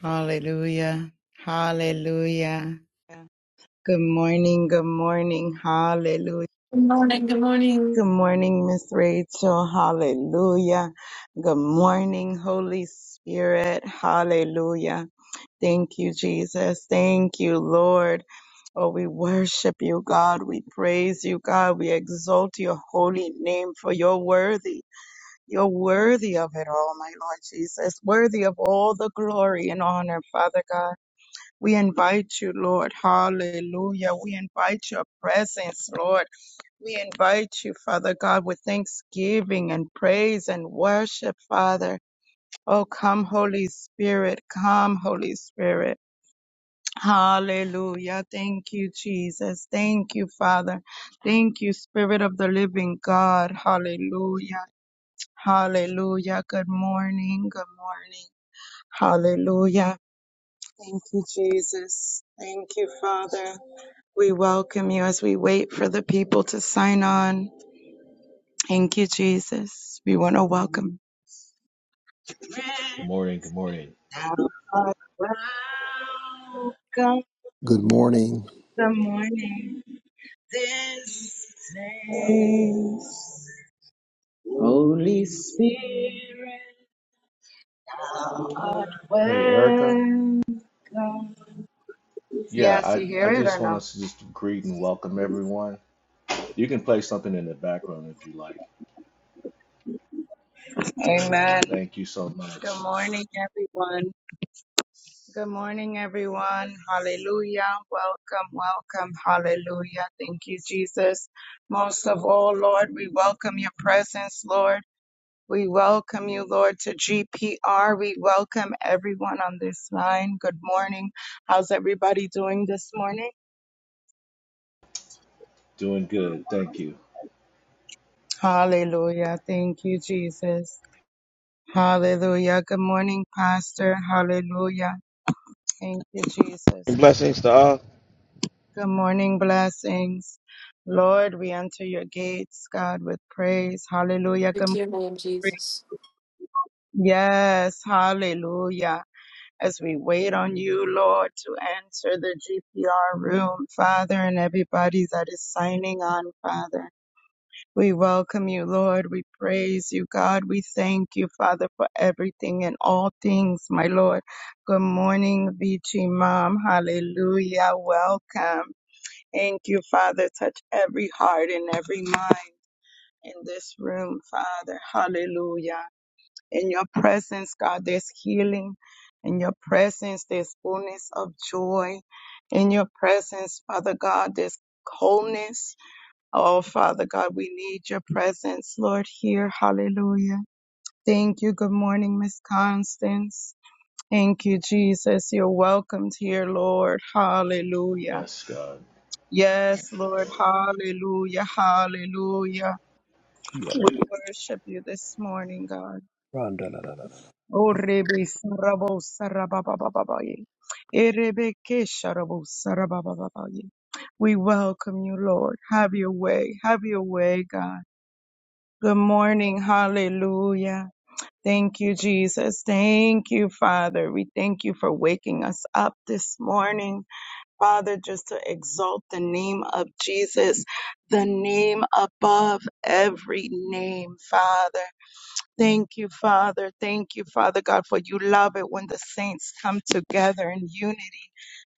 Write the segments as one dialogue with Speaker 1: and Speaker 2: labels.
Speaker 1: Hallelujah. Hallelujah. Good morning. Good morning. Hallelujah. Good morning, Miss Rachel. Hallelujah. Good morning, Holy Spirit. Hallelujah. Thank you, Jesus. Thank you, Lord. Oh, we worship you, God. We praise you, God. We exalt your holy name for you're worthy. You're worthy of it all, my Lord Jesus. Worthy of all the glory and honor, Father God. We invite you, Lord. Hallelujah. We invite your presence, Lord. We invite you, Father God, with thanksgiving and praise and worship, Father. Oh, come, Holy Spirit. Come, Holy Spirit. Hallelujah. Thank you, Jesus. Thank you, Father. Thank you, Spirit of the living God. Hallelujah. Hallelujah. Good morning. Good morning. Hallelujah. Thank you, Jesus. Thank you, Father. We welcome you as we wait for the people to sign on. Thank you, Jesus. We want to welcome.
Speaker 2: Good morning. Good morning.
Speaker 1: Welcome
Speaker 3: Good morning.
Speaker 1: the morning. This place. Holy Spirit, God
Speaker 2: Hey Erica.
Speaker 1: welcome.
Speaker 2: Yeah,
Speaker 1: Yes,
Speaker 2: I,
Speaker 1: you hear
Speaker 2: I
Speaker 1: it
Speaker 2: just
Speaker 1: or
Speaker 2: want
Speaker 1: no?
Speaker 2: us to just greet and welcome everyone. You can play something in the background if you like.
Speaker 1: Amen.
Speaker 2: Thank you so
Speaker 1: Good
Speaker 2: much.
Speaker 1: morning, everyone. Good morning, everyone. Hallelujah. Welcome, welcome. Hallelujah. Thank you, Jesus. Most of all, Lord, we welcome your presence, Lord. We welcome you, Lord, to GPR. We welcome everyone on this line. Good morning. How's everybody doing this morning?
Speaker 2: Doing good. Thank you.
Speaker 1: Hallelujah. Thank you, Jesus. Hallelujah. Good morning, Pastor. Hallelujah. Thank you, Jesus.
Speaker 4: blessings to all
Speaker 1: Good morning, blessings. Lord, we enter your gates, God, with praise. Hallelujah. Good morning. Yes, hallelujah. As we wait on you, Lord, to enter the GPR room, Father, and everybody that is signing on, Father. We welcome you, Lord. We praise you, God. We thank you, Father, for everything and all things, my Lord. Good morning, Vici Mom. Hallelujah. Welcome. Thank you, Father. Touch every heart and every mind in this room, Father. Hallelujah. In your presence, God, there's healing. In your presence, there's fullness of joy. In your presence, Father God, there's wholeness. Oh, Father God, we need your presence, Lord, here. Hallelujah. Thank you. Good morning, Miss Constance. Thank you, Jesus. You're welcomed here, Lord. Hallelujah.
Speaker 2: Yes, God.
Speaker 1: Yes, Lord. Hallelujah. Hallelujah.
Speaker 3: Yalalala.
Speaker 1: We worship you this morning, God. Oh, Rebe Sarabo Sarababababaye. Erebe Kesharabo Sarababababaye. We welcome you, Lord. Have your way. Have your way, God. Good morning. Hallelujah. Thank you, Jesus. Thank you, Father. We thank you for waking us up this morning. Father, just to exalt the name of Jesus, the name above every name, Father. Thank you, Father. Thank you, Father God, for you love it when the saints come together in unity.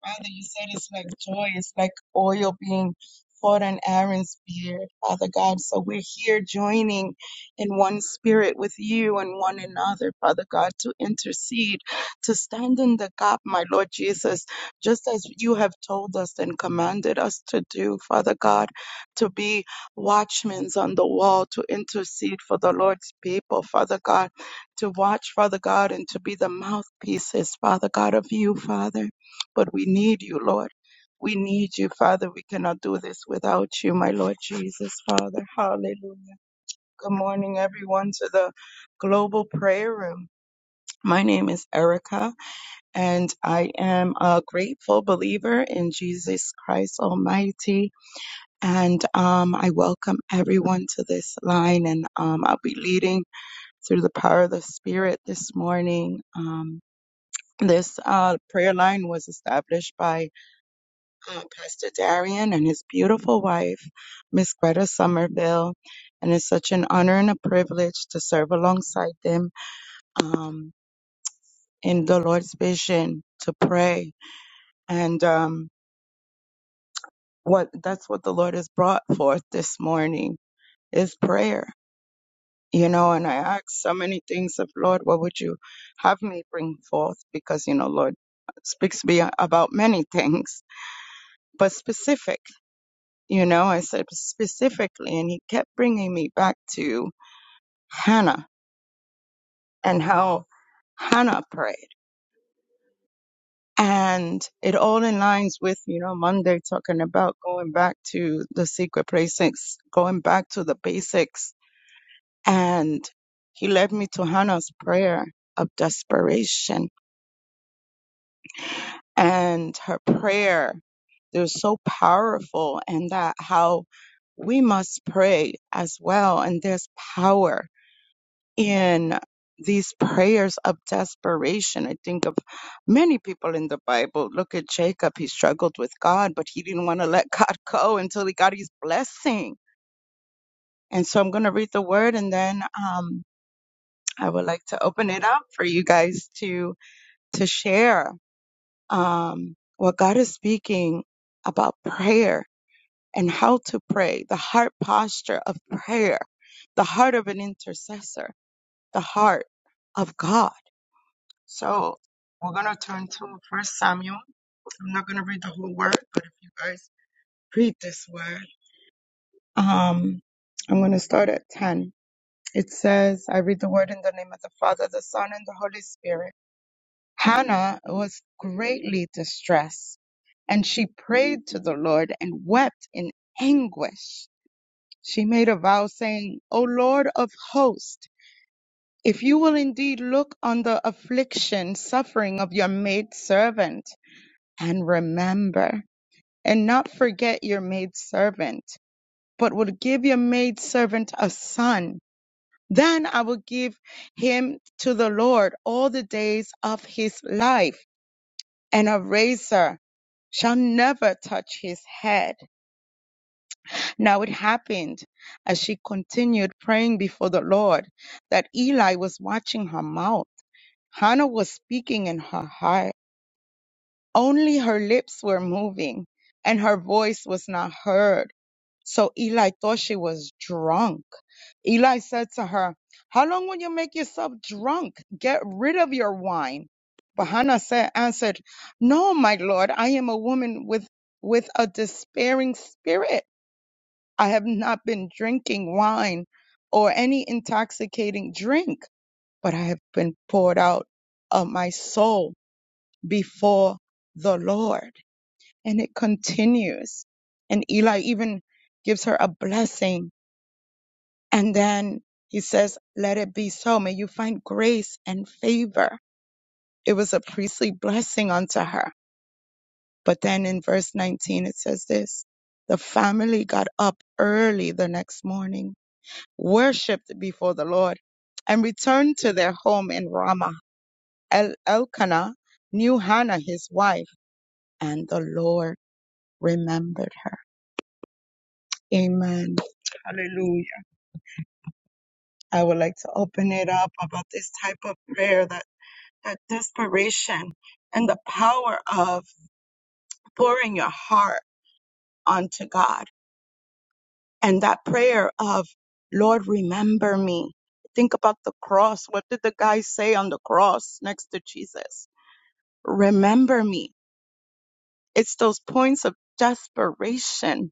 Speaker 1: Father, you said it's like joy, it's like oil being poured on Aaron's beard, Father God. So we're here joining in one spirit with you and one another, Father God, to intercede, to stand in the gap, my Lord Jesus, just as you have told us and commanded us to do, Father God, to be watchmen on the wall, to intercede for the Lord's people, Father God, to watch, Father God, and to be the mouthpieces, Father God, of you, Father. But we need you, Lord. We need you, Father. We cannot do this without you, my Lord Jesus, Father. Hallelujah. Good morning, everyone, to the Global Prayer Room. My name is Erica, and I am a grateful believer in Jesus Christ Almighty. And um, I welcome everyone to this line, and um, I'll be leading through the power of the Spirit this morning. Um, this uh, prayer line was established by uh, Pastor Darian and his beautiful wife, Miss Greta Somerville. And it's such an honor and a privilege to serve alongside them um, in the Lord's vision to pray. And um, what that's what the Lord has brought forth this morning is prayer. You know, and I ask so many things of Lord, what would you have me bring forth? Because, you know, Lord speaks to me about many things, but specific. You know, I said specifically, and he kept bringing me back to Hannah and how Hannah prayed. And it all aligns with, you know, Monday talking about going back to the secret places, going back to the basics. And he led me to Hannah's prayer of desperation and her prayer. They're so powerful and that how we must pray as well. And there's power in these prayers of desperation. I think of many people in the Bible. Look at Jacob. He struggled with God, but he didn't want to let God go until he got his blessing. And so I'm going to read the word and then um, I would like to open it up for you guys to, to share um, what God is speaking about prayer and how to pray, the heart posture of prayer, the heart of an intercessor, the heart of God So we're going to turn to First Samuel. I'm not going to read the whole word, but if you guys read this word, um, I'm going to start at 10. It says, I read the word in the name of the Father, the Son, and the Holy Spirit. Hannah was greatly distressed, and she prayed to the Lord and wept in anguish. She made a vow saying, O Lord of hosts, if you will indeed look on the affliction, suffering of your maidservant, and remember and not forget your maidservant, but will give your maidservant a son. Then I will give him to the Lord all the days of his life, and a razor shall never touch his head. Now it happened as she continued praying before the Lord that Eli was watching her mouth. Hannah was speaking in her heart. Only her lips were moving and her voice was not heard. So Eli thought she was drunk. Eli said to her, How long will you make yourself drunk? Get rid of your wine. But Hannah said, answered, No, my lord, I am a woman with, with a despairing spirit. I have not been drinking wine or any intoxicating drink, but I have been poured out of my soul before the Lord. And it continues. And Eli even gives her a blessing and then he says, Let it be so. May you find grace and favor. It was a priestly blessing unto her. But then in verse 19, it says this The family got up early the next morning, worshiped before the Lord, and returned to their home in Ramah. El- Elkanah knew Hannah, his wife, and the Lord remembered her. Amen. Hallelujah. I would like to open it up about this type of prayer that That desperation and the power of pouring your heart onto God. And that prayer of, Lord, remember me. Think about the cross. What did the guy say on the cross next to Jesus? Remember me. It's those points of desperation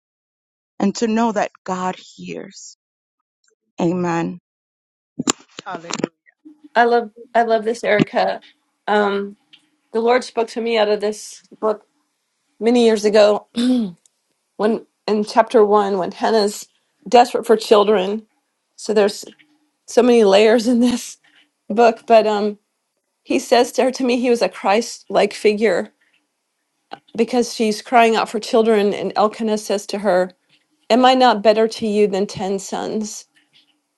Speaker 1: and to know that God hears. Amen. Hallelujah.
Speaker 5: Um, the Lord spoke to me out of this book many years ago when in chapter one, when Hannah's desperate for children. So there's so many layers in this book, but um, he says to her, to me, he was a Christ like figure because she's crying out for children. And Elkanah says to her, Am I not better to you than 10 sons?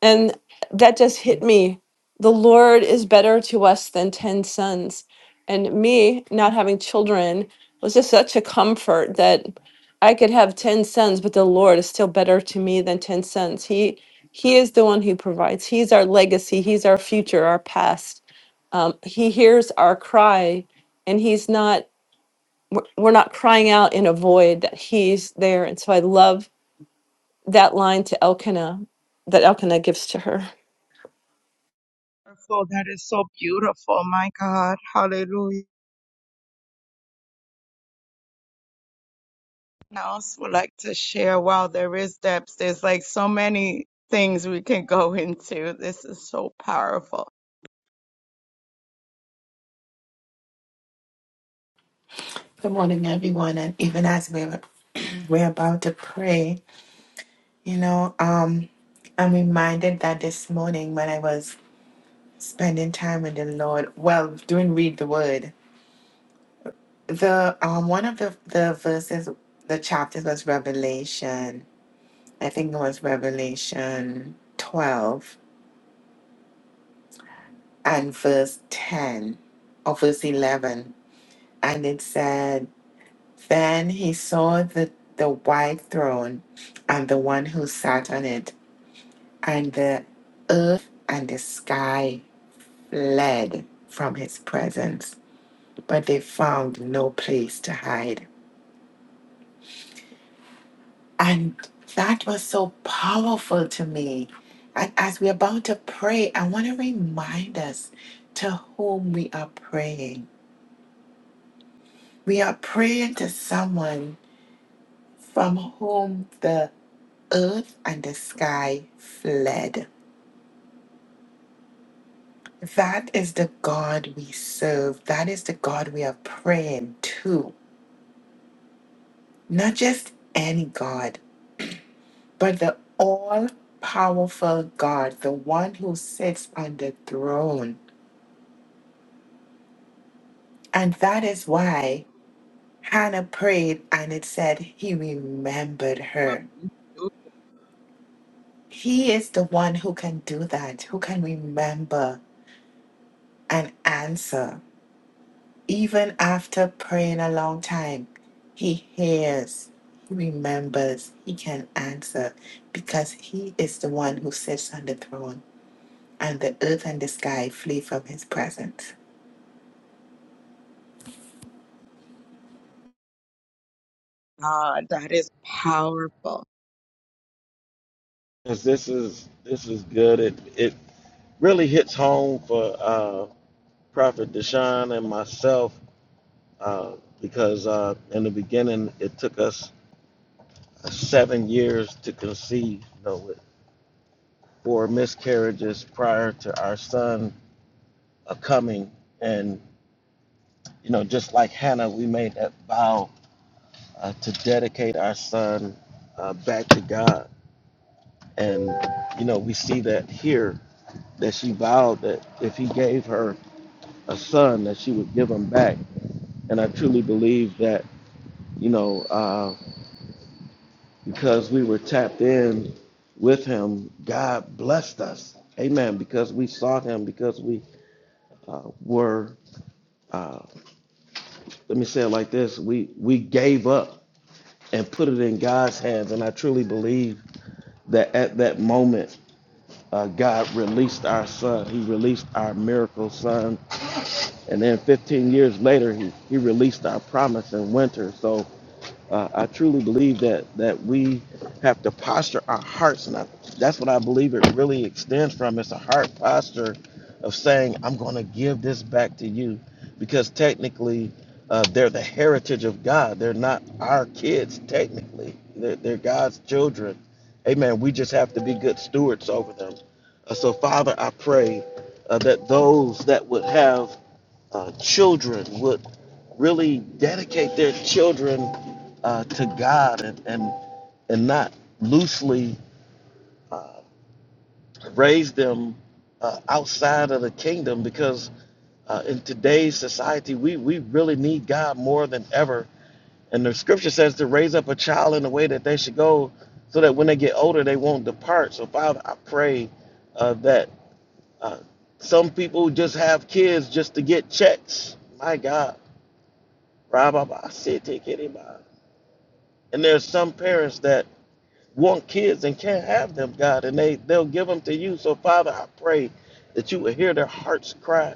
Speaker 5: And that just hit me. The Lord is better to us than 10 sons. And me not having children was just such a comfort that I could have 10 sons, but the Lord is still better to me than 10 sons. He he is the one who provides. He's our legacy. He's our future, our past. Um, he hears our cry, and he's not. We're we're not crying out in a void. That he's there, and so I love that line to Elkanah that Elkanah gives to her.
Speaker 1: Wonderful. That is so beautiful. My God. Hallelujah. I also would like to share while there is depths. there's like so many things we can go into. This is so powerful.
Speaker 6: Good morning, everyone. And even as we're, we're about to pray, you know, um, I'm reminded that this morning when I was spending time with the Lord, well, doing read the word, the um, one of the, the verses, the chapters was Revelation. I think it was Revelation 12 and verse 10 or verse 11. And it said, Then he saw the, the white throne and the one who sat on it and the earth and the sky fled from his presence, but they found no place to hide. And that was so powerful to me. And as we're about to pray, I want to remind us to whom we are praying. We are praying to someone from whom the earth and the sky fled. That is the God we serve. That is the God we are praying to. Not just any God, but the all powerful God, the one who sits on the throne. And that is why Hannah prayed and it said he remembered her. He is the one who can do that, who can remember and answer. Even after praying a long time, he hears, he remembers, he can answer because he is the one who sits on the throne. and the earth and the sky flee from his presence.
Speaker 1: God, that is powerful.
Speaker 4: 'cause this is this is good it it really hits home for uh prophet deshaun and myself uh because uh in the beginning it took us seven years to conceive you know with four miscarriages prior to our son uh, coming and you know just like hannah we made that vow uh, to dedicate our son uh, back to god and you know we see that here that she vowed that if he gave her a son that she would give him back. And I truly believe that, you know, uh, because we were tapped in with him, God blessed us. Amen. Because we sought him, because we uh, were, uh, let me say it like this we, we gave up and put it in God's hands. And I truly believe that at that moment, uh, God released our son. He released our miracle son. And then 15 years later, he, he released our promise in winter. So Uh, I truly believe that that we have to posture our hearts, and I, that's what I believe it really extends from. It's a heart posture of saying, "I'm going to give this back to you," because technically, uh, they're the heritage of God. They're not our kids technically. They're, they're God's children. Amen. We just have to be good stewards over them. Uh, so, Father, I pray uh, that those that would have uh, children would really dedicate their children uh, to God and, and, and not loosely uh, raise them uh, outside of the kingdom because uh, in today's society, we, we really need God more than ever. And the scripture says to raise up a child in the way that they should go so that when they get older, they won't depart. So, Father, I pray uh, that uh, some people just have kids just to get checks. My God Rababa, siti, kiriba. And there's some parents that want kids and can't have them, God, and they, they'll give them to you. So, Father, I pray that you will hear their hearts cry.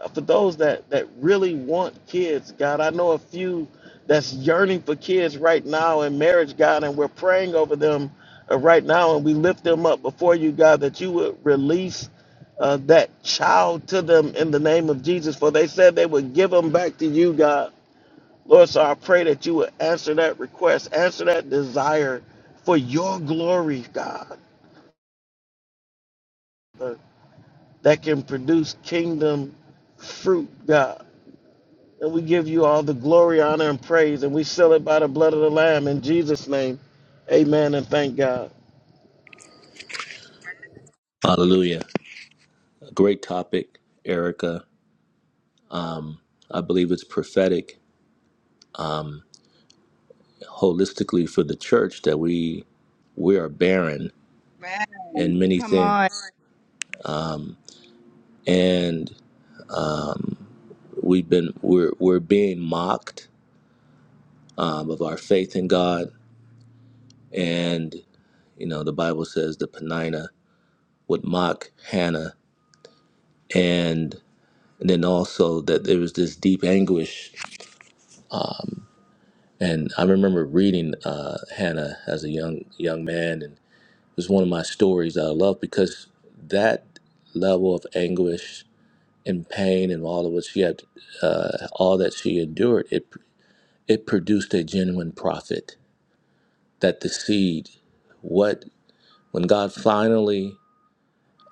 Speaker 4: Uh, For those that, that really want kids, God, I know a few that's yearning for kids right now in marriage, God, and we're praying over them uh, right now, and we lift them up before you, God, that you would release uh, that child to them in the name of Jesus. For they said they would give them back to you, God. Lord, so I pray that you would answer that request, answer that desire for your glory, God, uh, that can produce kingdom fruit, God. And we give you all the glory, honor, and praise, and we seal it by the blood of the Lamb in Jesus' name. Amen and thank God.
Speaker 2: Hallelujah. A great topic, Erica. I believe it's prophetic holistically for the church that we we are barren
Speaker 1: Man,
Speaker 2: in many
Speaker 1: come on.
Speaker 2: things, and we've been we're we're being mocked um, of our faith in God, and you know the Bible says the Penina with Mock, Hannah, and then also that there was this deep anguish. And I remember reading uh, Hannah as a young young man, and it was one of my stories that I love because that level of anguish and pain and all of what she had, uh, all that she endured, it it produced a genuine prophet. That the seed, what when God finally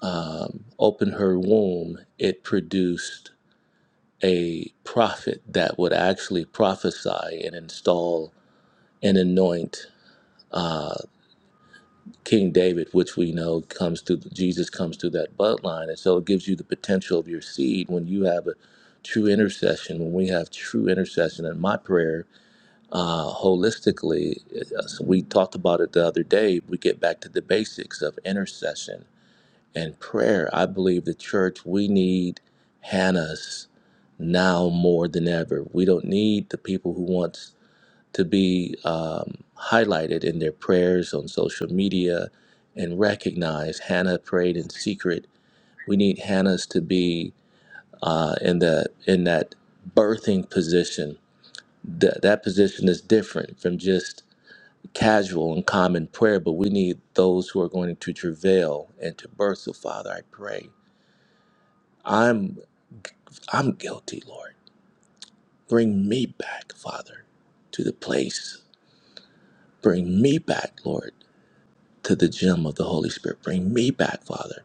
Speaker 2: um, opened her womb, it produced a prophet that would actually prophesy and install and anoint uh, King David, which we know comes through Jesus comes through that bloodline, and so it gives you the potential of your seed when you have a true intercession. When we have true intercession, and my prayer uh, holistically, uh, so we talked about it the other day. We get back to the basics of intercession and prayer. I believe the church, we need Hannah's now more than ever. We don't need the people who want to be um, highlighted in their prayers on social media and recognized. Hannah prayed in secret. We need Hannah's to be uh, in the in that birthing position. That that position is different from just casual and common prayer, but we need those who are going to travail and to birth. So, Father, I pray. I'm I'm guilty, Lord. Bring me back, Father, to the place. Bring me back, Lord, to the gem of the Holy Spirit. Bring me back, Father.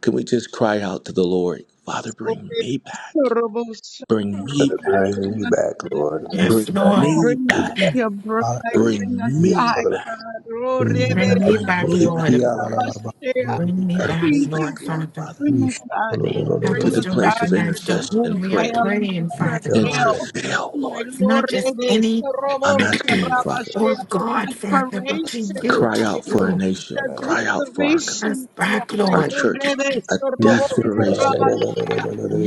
Speaker 2: Can we just cry out to the Lord, Father,
Speaker 1: Bring
Speaker 2: bring me back.
Speaker 1: back
Speaker 2: Bring me back,
Speaker 3: Bring me
Speaker 2: Lord.
Speaker 3: back, Lord. Bring me
Speaker 6: Yes,
Speaker 2: Bring
Speaker 3: back.
Speaker 6: Lord.
Speaker 2: me
Speaker 3: Bring me
Speaker 2: back.
Speaker 3: back.
Speaker 1: your bride,
Speaker 3: Hallelujah.
Speaker 1: bring
Speaker 2: Bring
Speaker 1: us
Speaker 3: Yeah,
Speaker 2: me
Speaker 3: la,
Speaker 1: back,
Speaker 3: la, la.
Speaker 2: back.
Speaker 1: God. Oh,
Speaker 3: Bring me
Speaker 1: Rebe,
Speaker 6: Bring
Speaker 3: back,
Speaker 6: me
Speaker 2: Bring
Speaker 3: Lord.
Speaker 6: back,
Speaker 2: me
Speaker 1: Sadobo,
Speaker 2: back,
Speaker 6: Lord.
Speaker 3: Yeah, la, la,
Speaker 2: Lord.
Speaker 3: la, la.
Speaker 1: Sadabashea.
Speaker 3: Bring me
Speaker 6: Bring me
Speaker 3: back.
Speaker 2: Bring
Speaker 6: back,
Speaker 2: me
Speaker 1: Thank you,
Speaker 6: Lord,
Speaker 2: back, Lord,
Speaker 1: Jesus.
Speaker 6: Father.
Speaker 2: Father,
Speaker 1: Bring
Speaker 3: You
Speaker 1: us
Speaker 3: shall-
Speaker 1: back,
Speaker 3: la, la, la,
Speaker 1: Lord.
Speaker 3: la,
Speaker 6: Help
Speaker 3: la,
Speaker 1: Bring
Speaker 2: to
Speaker 6: us
Speaker 2: the
Speaker 3: la.
Speaker 1: us
Speaker 6: to
Speaker 2: place
Speaker 1: back.
Speaker 2: of
Speaker 6: recognize to
Speaker 1: Release
Speaker 2: intercession
Speaker 1: the
Speaker 6: whom
Speaker 2: and
Speaker 6: we are
Speaker 1: wail
Speaker 2: prayer
Speaker 1: and the
Speaker 6: praying,
Speaker 3: You
Speaker 6: Father
Speaker 3: shall-
Speaker 2: and
Speaker 3: la, la,
Speaker 6: God.
Speaker 1: travail.
Speaker 2: travail,
Speaker 1: My
Speaker 2: Lord.
Speaker 6: It's
Speaker 1: Lord,
Speaker 6: not just
Speaker 1: Rebe,
Speaker 6: any
Speaker 1: Sadobo,
Speaker 2: I'm asking you,
Speaker 3: la, la,
Speaker 2: Father.
Speaker 1: Sadabashea.
Speaker 6: old
Speaker 1: The
Speaker 6: God,
Speaker 3: la,
Speaker 6: Father, but to
Speaker 1: desperation,
Speaker 3: la, la, la. You shall- la, la, la, la, la,
Speaker 6: you,
Speaker 2: Cry
Speaker 6: to
Speaker 2: out for our
Speaker 6: you.
Speaker 3: la, la,
Speaker 1: the
Speaker 2: nation.
Speaker 3: la, la,
Speaker 2: Cry out for our,
Speaker 6: Bring
Speaker 1: desperation
Speaker 6: us back,
Speaker 1: cry.
Speaker 2: our
Speaker 6: Lord.
Speaker 1: Oh,
Speaker 2: church.
Speaker 1: Rebe,
Speaker 2: A
Speaker 1: Sadobo,
Speaker 2: desperation,
Speaker 1: Sadabashea.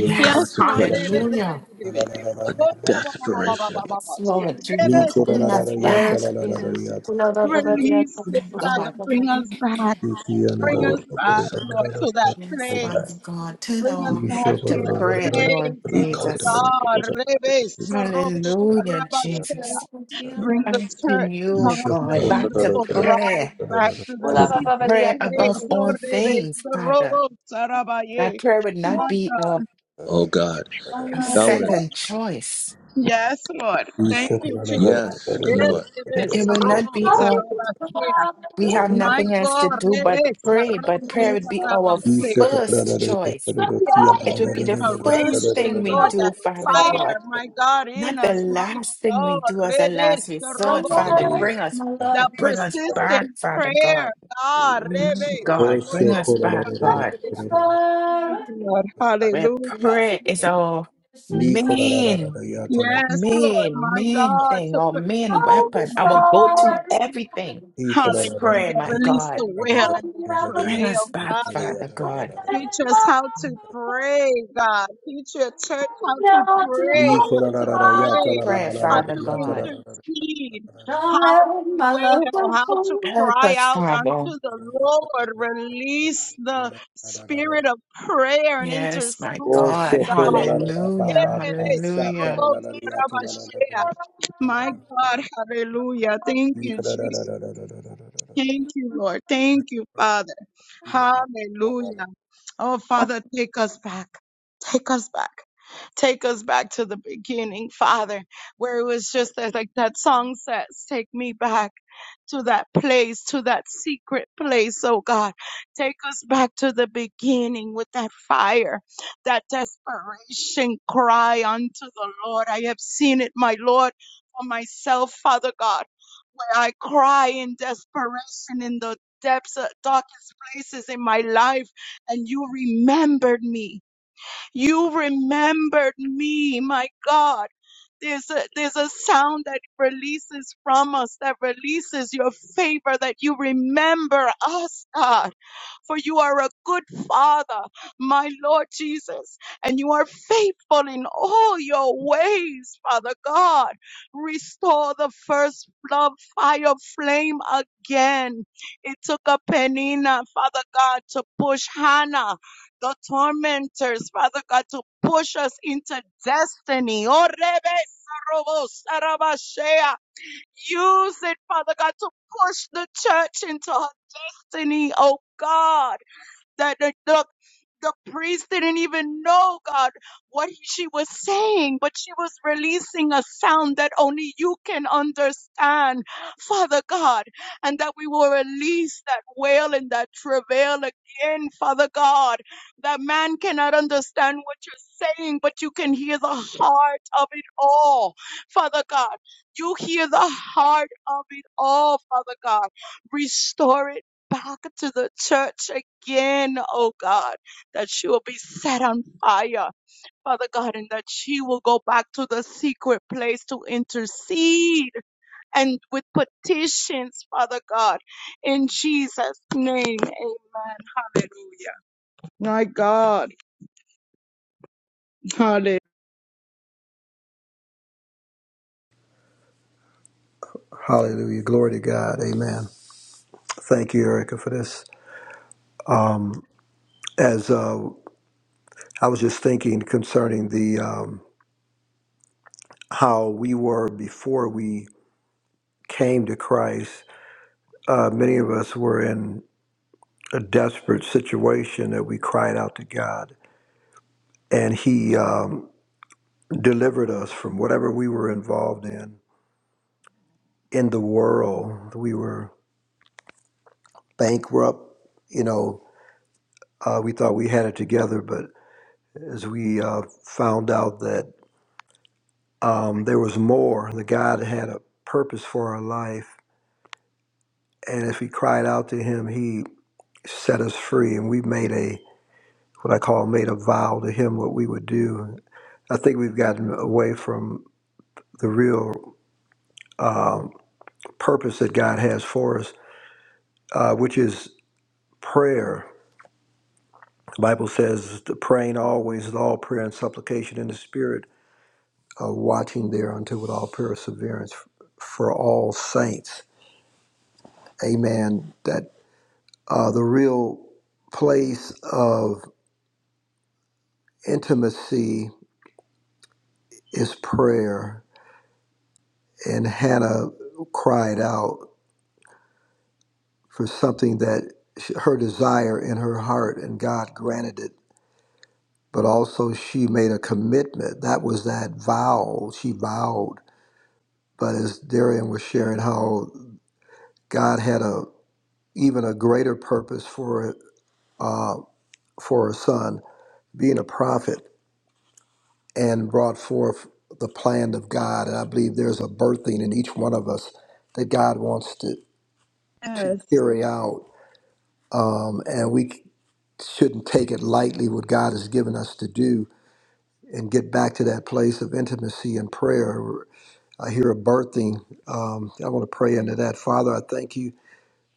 Speaker 3: yeah.
Speaker 1: Yes, Lord.
Speaker 3: La, la,
Speaker 1: Rebe,
Speaker 3: la, la,
Speaker 2: consecration,
Speaker 1: Rebe,
Speaker 6: hallelujah.
Speaker 1: Rebe, Rebe.
Speaker 3: la, la, la, la,
Speaker 2: a
Speaker 3: ba, ba.
Speaker 2: desperation.
Speaker 6: Yes, Lord Jesus,
Speaker 3: Niko, la, la,
Speaker 6: bring
Speaker 3: la, la,
Speaker 6: us
Speaker 3: yeah, la,
Speaker 6: back.
Speaker 3: la, la, la, la, yeah. La, la, la.
Speaker 1: Release
Speaker 6: My
Speaker 1: it, Father.
Speaker 6: God.
Speaker 1: Bring us back.
Speaker 3: You see, la, la,
Speaker 1: Bring
Speaker 3: la, la,
Speaker 2: Oh,
Speaker 1: us back, Lord,
Speaker 3: la, la,
Speaker 1: to
Speaker 3: la,
Speaker 1: that
Speaker 6: Yes,
Speaker 3: la, la.
Speaker 6: Father
Speaker 1: place.
Speaker 6: God, turn
Speaker 1: Bring
Speaker 6: our
Speaker 1: us
Speaker 3: Nicola
Speaker 6: heart
Speaker 1: back
Speaker 6: back
Speaker 1: to
Speaker 6: to
Speaker 1: that
Speaker 6: prayer, Lord
Speaker 1: place. oh
Speaker 6: Jesus.
Speaker 1: God, Rebe Sorobo
Speaker 6: Hallelujah,
Speaker 1: Rabashea.
Speaker 6: Jesus.
Speaker 1: bring the
Speaker 6: Thank
Speaker 1: church
Speaker 6: you,
Speaker 1: back, your
Speaker 6: God.
Speaker 2: Oh,
Speaker 6: Back
Speaker 2: Lord.
Speaker 6: to
Speaker 1: beautiful bride,
Speaker 6: prayer.
Speaker 1: back to the secret
Speaker 6: Prayer above
Speaker 1: place. Oh,
Speaker 6: all
Speaker 1: Rebe
Speaker 6: things, Father.
Speaker 1: Sorobo
Speaker 6: That
Speaker 1: Sarabaye.
Speaker 6: prayer would not
Speaker 1: My
Speaker 6: be
Speaker 1: God,
Speaker 6: a,
Speaker 2: Oh, God.
Speaker 6: a
Speaker 2: Now, I
Speaker 1: yes,
Speaker 2: want
Speaker 1: Lord.
Speaker 2: to.
Speaker 6: second choice.
Speaker 1: Yes, Lord. Thank you, Jesus.
Speaker 2: yes, come
Speaker 1: Yes,
Speaker 2: on.
Speaker 1: Rebe
Speaker 6: That It will not
Speaker 1: Sarobo
Speaker 6: be a
Speaker 1: Sarabashea.
Speaker 6: we have
Speaker 1: My
Speaker 6: nothing else
Speaker 1: God,
Speaker 6: to do but
Speaker 1: Rebe
Speaker 6: pray, but
Speaker 1: Sarobo
Speaker 6: prayer would be our
Speaker 1: Sarabashea.
Speaker 6: first choice.
Speaker 1: Yes,
Speaker 6: It would
Speaker 1: that
Speaker 6: be the first thing
Speaker 1: restoration,
Speaker 6: we
Speaker 1: Lord,
Speaker 6: do,
Speaker 1: that
Speaker 6: Father God.
Speaker 1: fire, my God, in
Speaker 6: Not the
Speaker 1: us, my
Speaker 6: last thing we
Speaker 1: God,
Speaker 6: do as a
Speaker 1: Rebe
Speaker 6: last resort,
Speaker 1: Sarobo,
Speaker 6: Father.
Speaker 2: Hallelujah.
Speaker 6: Bring us,
Speaker 1: that
Speaker 6: bring us back,
Speaker 1: persistent
Speaker 6: Father God.
Speaker 1: prayer, God,
Speaker 6: My
Speaker 1: Rebe
Speaker 6: God, bring
Speaker 1: Sarobo
Speaker 6: us back, God,
Speaker 1: Sarabashea. Thank you, Lord.
Speaker 6: where
Speaker 1: Hallelujah.
Speaker 6: prayer is our main,
Speaker 1: Yes, Lord,
Speaker 6: main,
Speaker 1: my
Speaker 6: main
Speaker 1: God,
Speaker 6: thing,
Speaker 1: to
Speaker 6: our main
Speaker 1: petition,
Speaker 6: weapon,
Speaker 1: my
Speaker 6: our go to
Speaker 1: God.
Speaker 6: everything is prayer,
Speaker 1: Hallelujah.
Speaker 6: my
Speaker 1: Release
Speaker 6: God.
Speaker 1: the wail and the
Speaker 6: Bring us
Speaker 1: travail,
Speaker 6: back,
Speaker 1: Father.
Speaker 6: Father God.
Speaker 1: Teach us how to pray, God. Teach your church how to
Speaker 3: Oh,
Speaker 1: pray,
Speaker 3: so
Speaker 1: how to pray,
Speaker 6: Prayer,
Speaker 1: how
Speaker 6: Father
Speaker 1: to
Speaker 6: God.
Speaker 1: intercede, how to wail, how to
Speaker 6: Help
Speaker 1: cry
Speaker 6: us,
Speaker 1: out unto
Speaker 6: Father.
Speaker 1: the Lord. Release the spirit of prayer and
Speaker 6: Yes, my
Speaker 1: intercession,
Speaker 6: God.
Speaker 3: cool.
Speaker 1: God.
Speaker 6: Hallelujah. Hallelujah.
Speaker 1: My God, hallelujah. Thank you, Jesus. Thank you, Lord. Thank you, Father. Hallelujah. Oh, Father, take us back. Take us back. Take us back to the beginning, Father, where it was just that, like that song says, take me back to that place, to that secret place, oh God. Take us back to the beginning with that fire, that desperation cry unto the Lord. I have seen it, my Lord, for myself, Father God where I cry in desperation in the depths of darkest places in my life and you remembered me. You remembered me, my God. There's a, there's a sound that releases from us, that releases your favor, that you remember us, God for you are a good father, my Lord Jesus, and you are faithful in all your ways, Father God. Restore the first love fire flame again. It took a Penina, Father God, to push Hannah, the tormentors, Father God, to push us into destiny. Oh, Rebe Sarobo Sarabashea. Use it, Father God, to push the church into her destiny, oh God that the, the the priest didn't even know God what he- she was saying, but she was releasing a sound that only you can understand, Father God, and that we will release that wail and that travail again, Father God. That man cannot understand what you're saying, but you can hear the heart of it all, Father God. You hear the heart of it all, Father God. Restore it back to the church again, oh God, that she will be set on fire, Father God, and that she will go back to the secret place to intercede and with petitions, Father God, in Jesus' name, amen. Hallelujah. My God, hallelujah.
Speaker 3: Hallelujah. Glory to God. Amen. Thank you, Erica, for this. Um, as uh, I was just thinking concerning the um, how we were before we came to Christ, uh, many of us were in a desperate situation that we cried out to God, and He um, delivered us from whatever we were involved in in the world. We were bankrupt, you know. Uh, we thought we had it together, but as we uh, found out that um, there was more, that God had a purpose for our life, and if we cried out to Him, He set us free, and we made a what I call made a vow to Him what we would do. I think we've gotten away from the real um, purpose that God has for us, uh, which is prayer. The Bible says, to praying always with all prayer and supplication in the Spirit, uh, watching thereunto with all perseverance for all saints. Amen. That uh, the real place of intimacy is prayer. And Hannah cried out for something that sh- her desire in her heart and God granted it. But also, she made a commitment. That was that vow. She vowed. But as Darian was sharing, how God had a even a greater purpose for uh, for her son being a prophet and brought forth the plan of God. And I believe there's a birthing in each one of us that God wants to to
Speaker 1: Yes,
Speaker 3: carry out um, and we c- shouldn't take it lightly what God has given us to do and get back to that place of intimacy and prayer. I hear a birthing. Um, I want to pray into that. Father, I thank you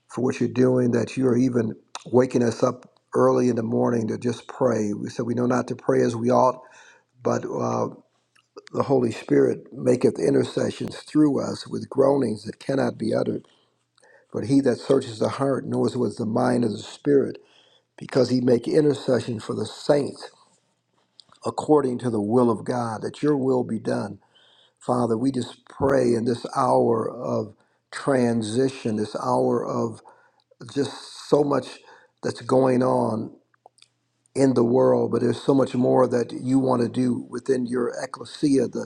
Speaker 3: for what you're doing, that you are even waking us up early in the morning to just pray. We said we know not to pray as we ought, but uh, the Holy Spirit maketh intercessions through us with groanings that cannot be uttered. But he that searches the heart knows what's the mind of the Spirit because he make intercession for the saints according to the will of God, that your will be done. Father, we just pray in this hour of transition, this hour of just so much that's going on in the world, but there's so much more that you want to do within your ecclesia, The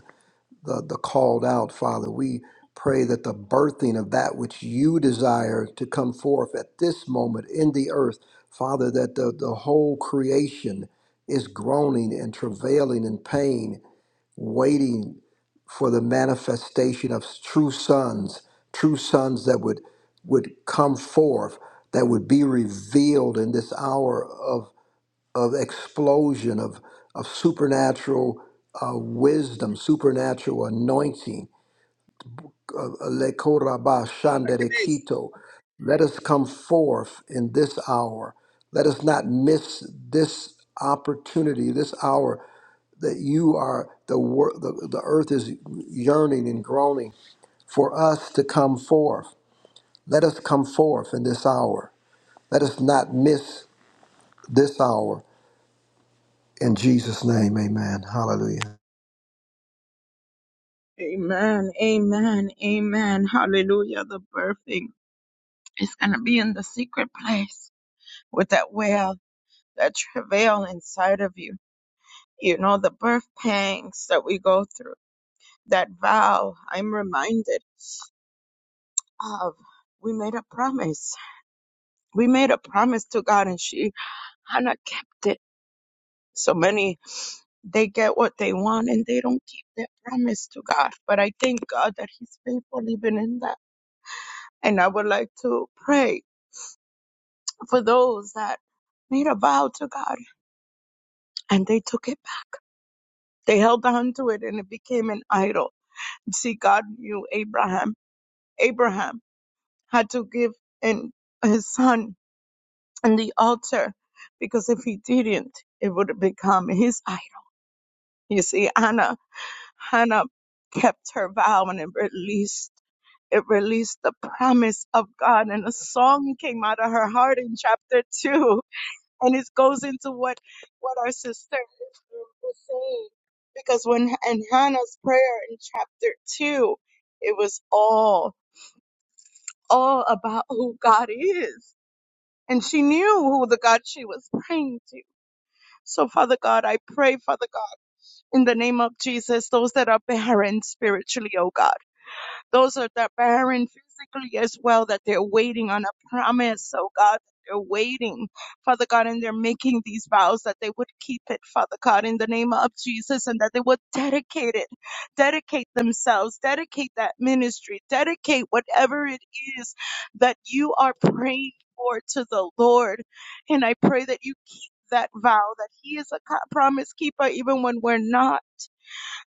Speaker 3: the, the called out, Father. We pray that the birthing of that which you desire to come forth at this moment in the earth, Father, that the, the whole creation is groaning and travailing in pain, waiting for the manifestation of true sons, true sons that would would come forth, that would be revealed in this hour of of explosion of of supernatural uh, wisdom, supernatural anointing. Uh, lekoraba
Speaker 1: it is.
Speaker 3: shanderekito. Let us come forth in this hour. Let us not miss this opportunity, this hour that you are the wor- the, the earth is yearning and groaning for us to come forth. Let us come forth in this hour. Let us not miss this hour. In Jesus' name, amen. Hallelujah.
Speaker 1: Amen. It's in a good place with that well, that travail inside of you, your birth pangs that we go through. that vow, I'm reminded of we made a promise. We made a promise to God and she, Hannah kept it. So many, they get what they want and they don't keep their promise to God. But I thank God that He's faithful even in that. And I would like to pray for those that made a vow to God and they took it back. They held on to it and it became an idol. See, God knew Abraham. Abraham had to give in his son and the altar because if he didn't, it would have become his idol. You see, Anna, Hannah kept her vow and it released, it released the promise of God and a song came out of her heart in chapter two. And it goes into what, what our sister was saying. Because when, in Hannah's prayer in chapter two, it was all, all about who God is. And she knew who the God she was praying to So, Father God, I pray, Father God, in the name of Jesus, those that are barren spiritually, oh God. Those are that barren physically as well, that they're waiting on a promise, oh God. They're waiting, Father God, and they're making these vows that they would keep it, Father God, in the name of Jesus, and that they would dedicate it, dedicate themselves, dedicate that ministry, dedicate whatever it is that you are praying for to the Lord. And I pray that you keep that vow, that He is a co- promise keeper even when we're not.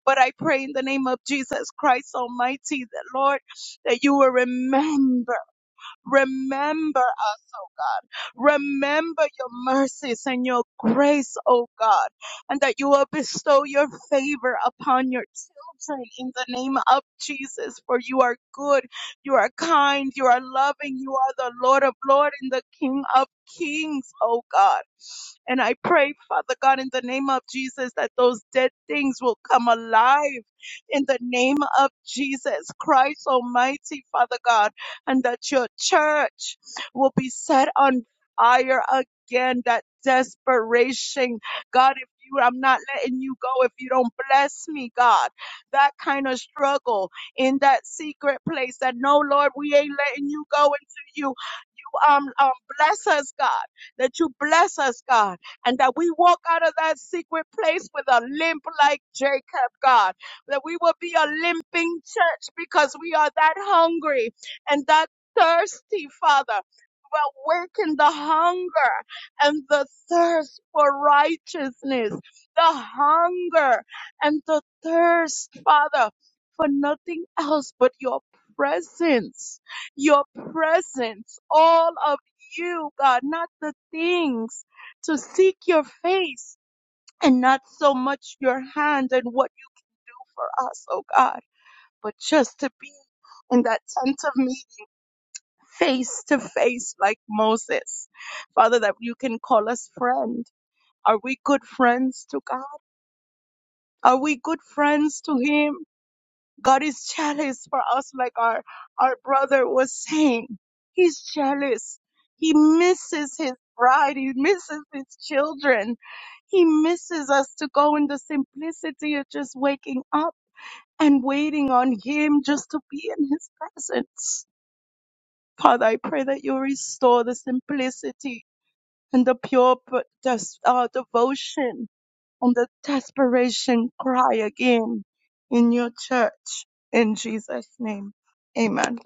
Speaker 1: But I pray in the name of Jesus Christ Almighty that, Lord, that you will remember, remember us, oh God. Remember your mercies and your grace, oh God, and that you will bestow your favor upon your children in the name of Jesus. For you are good, you are kind, you are loving, you are the Lord of Lords and the King of Kings, oh God. And I pray, Father God, in the name of Jesus, that those dead things will come alive in the name of Jesus Christ Almighty, Father God, and that your church will be set on fire again, that desperation. God, if you, I'm not letting you go if you don't bless me, God. That kind of struggle in that secret place that no, Lord, we ain't letting you go until you um, um, bless us, God, that you bless us, God, and that we walk out of that secret place with a limp like Jacob, God, that we will be a limping church because we are that hungry and that thirsty, Father. But awaken the hunger and the thirst for righteousness, the hunger and the thirst, Father, for nothing else but your presence your presence, all of you, God, not the things, to seek your face and not so much your hand and what you for us, oh God, but just to be in that tent of meeting face to face like Moses. Father, that you can call us friend. Are we good friends to God? Are we good friends to Him? God is jealous for us, like our, our brother was saying. He's jealous. He misses his bride. He misses his children. He misses us to go in the simplicity of just waking up and waiting on him just to be in his presence. Father, I pray that you restore the simplicity and the pure uh, devotion on the desperation cry again in your church. In Jesus' name. Amen.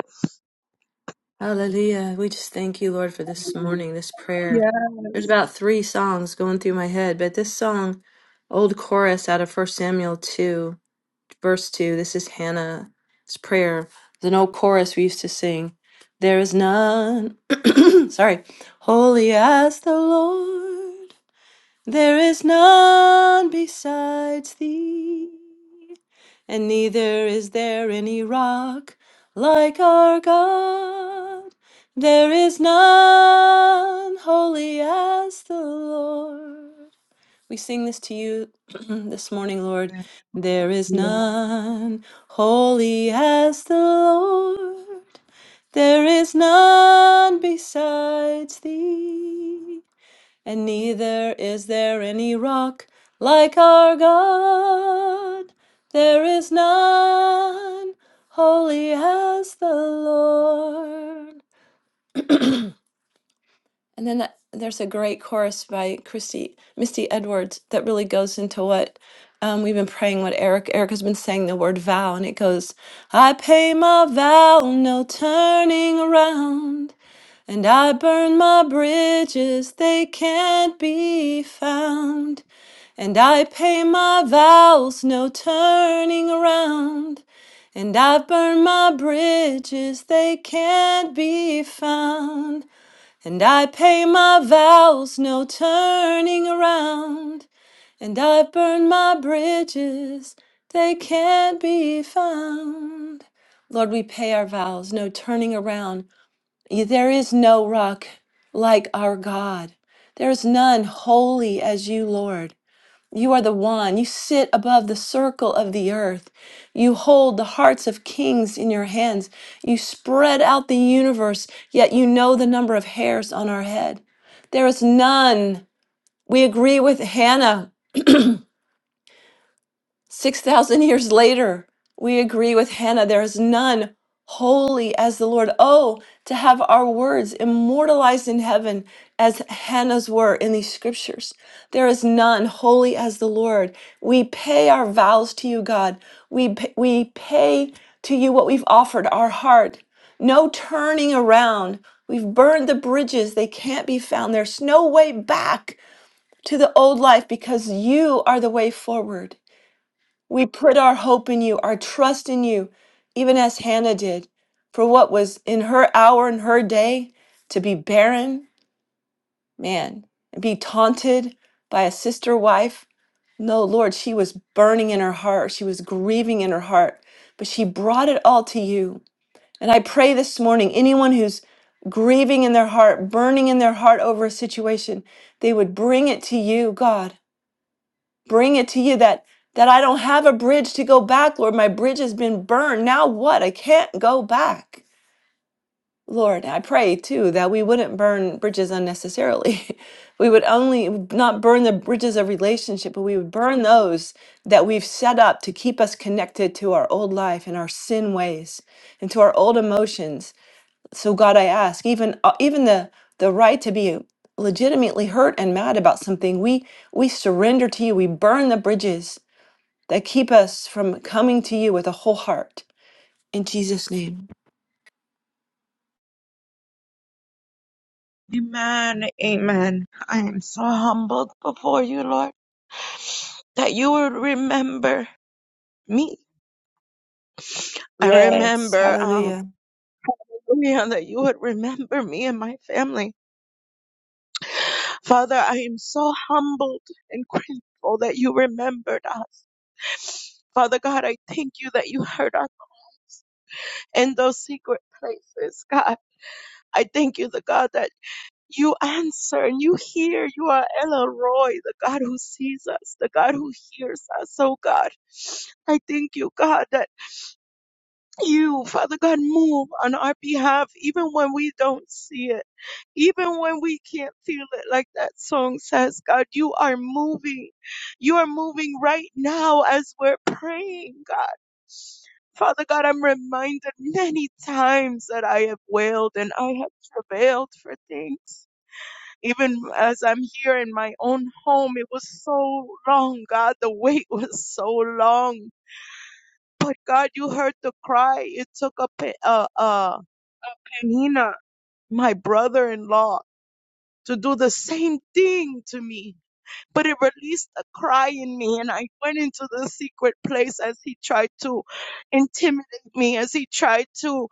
Speaker 5: Hallelujah. We just thank you, Lord, for this morning, this prayer. There's
Speaker 1: Yes.
Speaker 5: about three songs going through my head, but this song, old chorus out of First Samuel 2, verse 2, this is Hannah's prayer. It's an old chorus we used to sing. There is none, sorry, holy as the Lord. There is none besides thee, and neither is there any rock like our God. There is none holy as the Lord. We sing this to you this morning, Lord. There is
Speaker 1: Amen.
Speaker 5: none holy as the Lord. There is none besides thee and neither is there any rock like our God. There is none holy as the Lord. And then that, there's a great chorus by Christy Misty Edwards that really goes into what um, we've been praying. What Eric Eric has been saying the word vow, and it goes, "I pay my vow, no turning around." And I burn my bridges, they can't be found. And I pay my vows, no turning around. And I've burned my bridges, they can't be found. And I pay my vows, no turning around. And I've burned my bridges, they can't be found. Lord, we pay our vows, no turning around. Y- There is no rock like our God. There is none holy as you, Lord. You are the one. You sit above the circle of the earth. You hold the hearts of kings in your hands. You spread out the universe, yet you know the number of hairs on our head. There is none. We agree with Hannah 6,000 years later, we agree with Hannah there is none holy as the Lord. Oh, to have our words immortalized in heaven as Hannah's were in these scriptures. There is none holy as the Lord. We pay our vows to you, God. We, p- we pay to you what we've offered, our heart. No turning around. We've burned the bridges. They can't be found. There's no way back to the old life because you are the way forward. We put our hope in you, our trust in you, even as Hannah did, for what was in her hour and her day to be barren, man, and be taunted by a sister wife. No, Lord, she was burning in her heart. She was grieving in her heart, but she brought it all to you. And I pray this morning, anyone who's grieving in their heart, burning in their heart over a situation, they would bring it to you, God bring it to you that that I don't have a bridge to go back, Lord. My bridge has been burned. Now what? I can't go back. Lord, I pray too that we wouldn't burn bridges unnecessarily. we would only not burn the bridges of relationship, but we would burn those that we've set up to keep us connected to our old life and our sin ways and to our old emotions. So God, I ask, even uh, even the the right to be legitimately hurt and mad about something, we we surrender to you. We burn the bridges that keep us from coming to you with a whole heart. In Jesus' name.
Speaker 1: Amen. I am so humbled before you, Lord, that you would remember me. I remember, um,
Speaker 5: Hallelujah.
Speaker 1: Leon, that you would remember me and my family. Father, I am so humbled and grateful that you remembered us. Father God, I thank you that you heard us in those secret places, God. I thank you, the God, that you answer and you hear. You are El Roy, the God who sees us, the God who hears us. Oh God, I thank you, God, that you, Father God, move on our behalf even when we don't see it. Even when we can't feel it, like that song says, God, you are moving. You are moving right now as we're praying, God. Father God, I'm reminded many times that I have wailed and I have travailed for things. Even as I'm here in my own home, it was so long, God. The wait was so long. But God, you heard the cry. It took a, Pe- uh, uh, Penina, my brother-in-law, to do the same thing to me. But it released a cry in me and I went into the secret place as he tried to intimidate me, as he tried to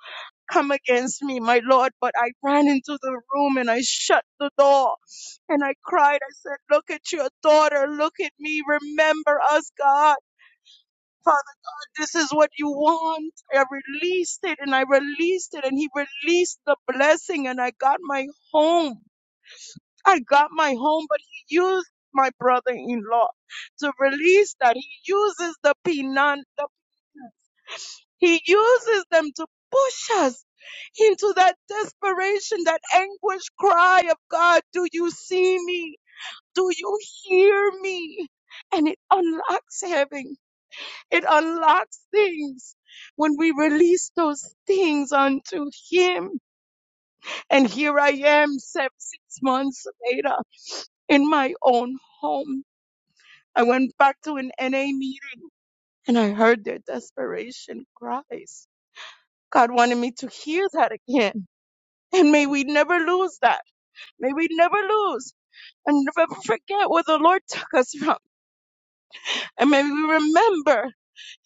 Speaker 1: come against me, my Lord. But I ran into the room and I shut the door and I cried. I said, Look at your daughter. Look at me. Remember us, God. Father, this is what you want. I released it and I released it and he released the blessing and I got my home. I got my home, but he used my brother-in-law to release that. He uses the Pinan, the he uses them to push us into that desperation, that anguish cry of God, do you see me? Do you hear me? And it unlocks heaven. It unlocks things when we release those things unto Him. And here I am, seven, six months later, in my own home. I went back to an NA meeting and I heard their desperation cries. God wanted me to hear that again And may we never lose that. May we never lose and never forget where the Lord took us from. And may we remember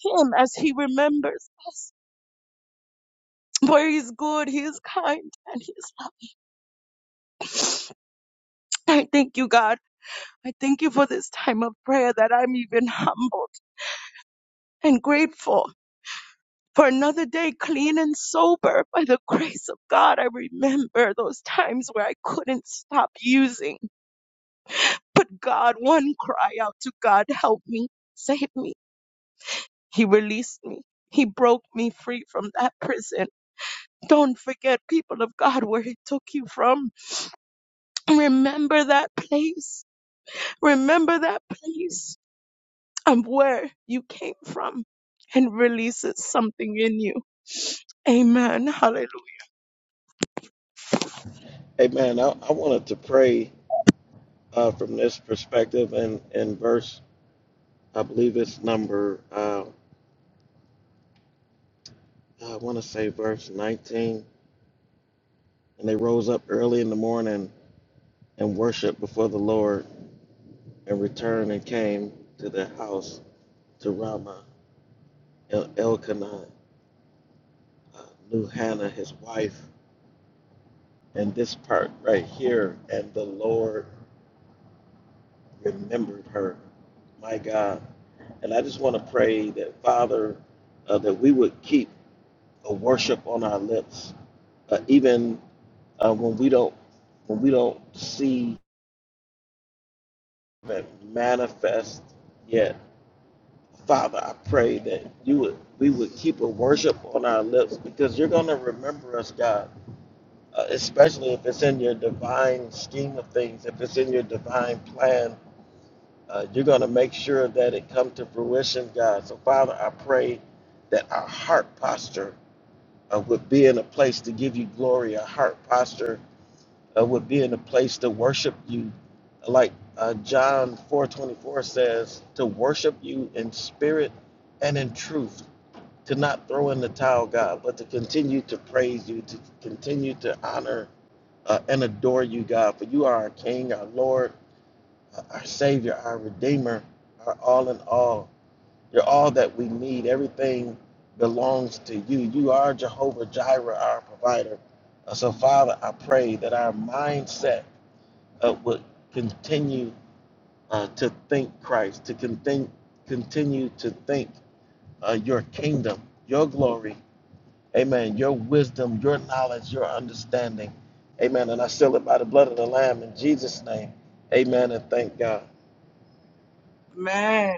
Speaker 1: Him as He remembers us. For He is good, He is kind, and He is loving. I thank you, God. I thank you for this time of prayer that I'm even humbled and grateful. For another day clean and sober by the grace of God, I remember those times where I couldn't stop using. But God, one cry out to God, help me, save me. He released me. He broke me free from that prison. Don't forget, people of God, where He took you from. Remember that place. Remember that place and where you came from and releases something in you. Amen. Hallelujah.
Speaker 4: Amen. I, I wanted to pray uh, from this perspective and in verse, I believe it's number, uh, I want to say verse 19. And they rose up early in the morning and worshiped before the Lord and returned and came to their house to Ramah. El- Elkanah uh, knew Hannah, his wife, and this part right here, and the Lord remembered her. My God. And I just want to pray that, Father, uh, that we would keep a worship on our lips, uh, even uh, when we don't when we don't see that manifest yet. Father, I pray that you would we would keep a worship on our lips because you're going to remember us, God, uh, especially if it's in your divine scheme of things, if it's in your divine plan. Uh, you're going to make sure that it come to fruition, God. So, Father, I pray that our heart posture uh, would be in a place to give you glory. Our heart posture uh, would be in a place to worship you, like uh, John 4:24 says, to worship you in spirit and in truth to not throw in the towel, God, but to continue to praise you, to continue to honor uh, and adore you, God, for you are our King, our Lord, uh, our Savior, our Redeemer, our all in all. You're all that we need. Everything belongs to you. You are Jehovah Jireh, our provider. Uh, so, Father, I pray that our mindset uh, would continue uh, to think Christ, to contin- continue to think uh, your kingdom, your glory Amen. Your wisdom, your knowledge, your understanding. Amen. And I seal it by the blood of the Lamb in Jesus' name. Amen. And thank God.
Speaker 1: Amen.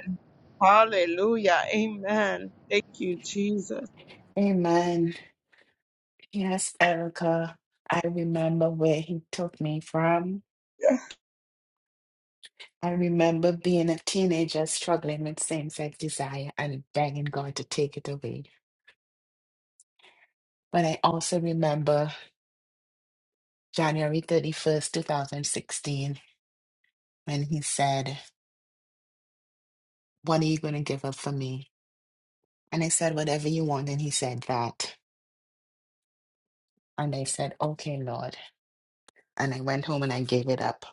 Speaker 1: Hallelujah. Amen. Thank you, Jesus.
Speaker 6: Amen. Yes, Erica. I remember where he took me from. I remember being a teenager struggling with same sex desire and begging God to take it away. But I also remember January 31st, 2016, when He said, What are you going to give up for me? And I said, Whatever you want. And He said that. And I said, Okay, Lord. And I went home and I gave it up.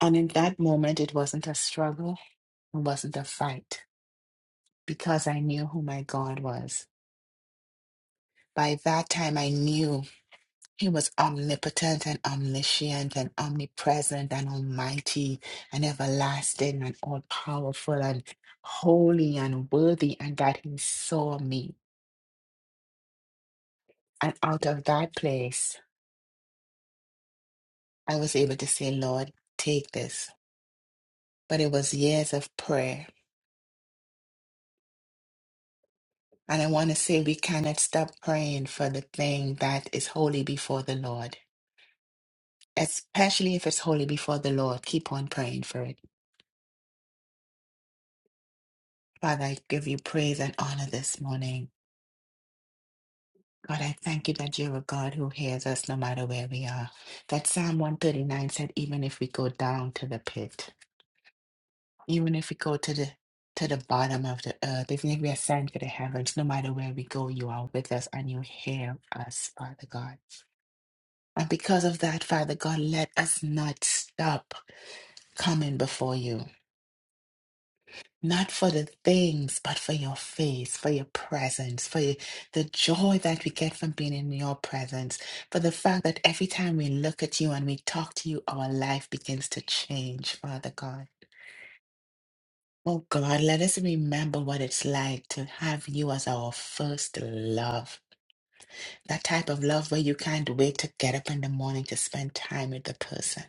Speaker 6: And in that moment, it wasn't a struggle, it wasn't a fight because I knew who my God was. By that time, I knew. He was omnipotent and omniscient and omnipresent and almighty and everlasting and all powerful and holy and worthy, and that He saw me. And out of that place, I was able to say, Lord, take this. But it was years of prayer. And I want to say, we cannot stop praying for the thing that is holy before the Lord, especially if it's holy before the Lord. Keep on praying for it. Father, I give you praise and honor this morning. God, I thank you that you're a God who hears us no matter where we are. That Psalm 139 said, even if we go down to the pit, even if we go to the to the bottom of the earth, even if we ascend to the heavens, no matter where we go, you are with us and you hear us, Father God. And because of that, Father God, let us not stop coming before you. not for the things, but for your face, for your presence, for your- the joy that we get from being in your presence, for the fact that every time we look at you and we talk to you, our life begins to change, Father God. Oh God, let us remember what it's like to have you as our first love. That type of love where you can't wait to get up in the morning to spend time with the person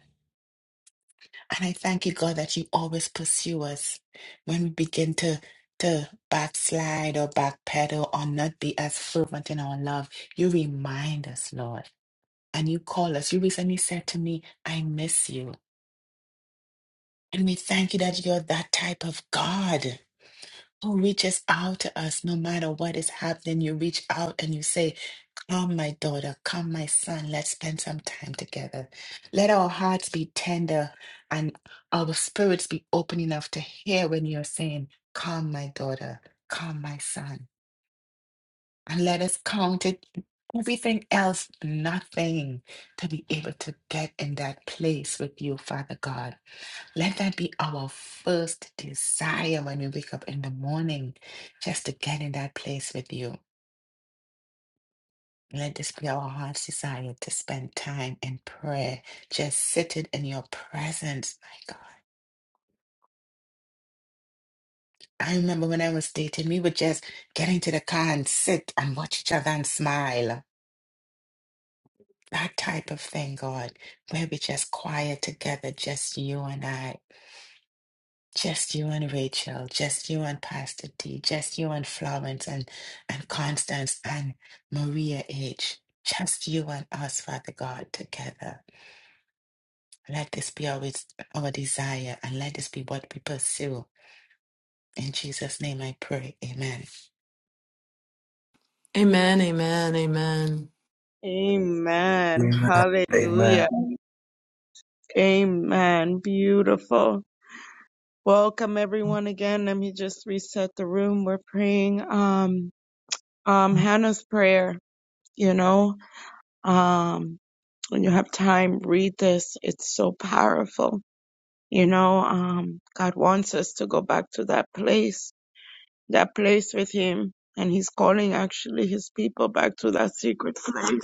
Speaker 6: And I thank you, God, that you always pursue us when we begin to to backslide or backpedal or not be as fervent in our love. You remind us, Lord, and you call us. You recently said to me, I miss you. And we thank you that you're that type of God who reaches out to us no matter what is happening. You reach out and you say, Come, my daughter, come, my son, let's spend some time together. Let our hearts be tender and our spirits be open enough to hear when you're saying, Come, my daughter, come, my son. And let us count it everything else nothing to be able to get in that place with you, Father God. Let that be our first desire when we wake up in the morning, just to get in that place with you. Let this be our heart's desire to spend time in prayer, just sitting in your presence. My God. I remember when I was dating, we would just get into the car and sit and watch each other and smile. That type of thing, God, where we just quiet together, just you and I, just you and Rachel, just you and Pastor D, just you and Florence and, and Constance and Maria H. Just you and us, Father God, together. Let this be always our desire, and let this be what we pursue. In Jesus' name I pray. Amen.
Speaker 5: Amen.
Speaker 1: Amen.
Speaker 3: Amen.
Speaker 1: Hallelujah.
Speaker 3: Amen.
Speaker 1: Amen. Beautiful. Welcome everyone again. Let me just reset the room. We're praying um um Hannah's prayer, you know. Um when you have time, read this. It's so powerful. You know, um God wants us to go back to that place, that place with him, and he's calling actually his people back to that secret place,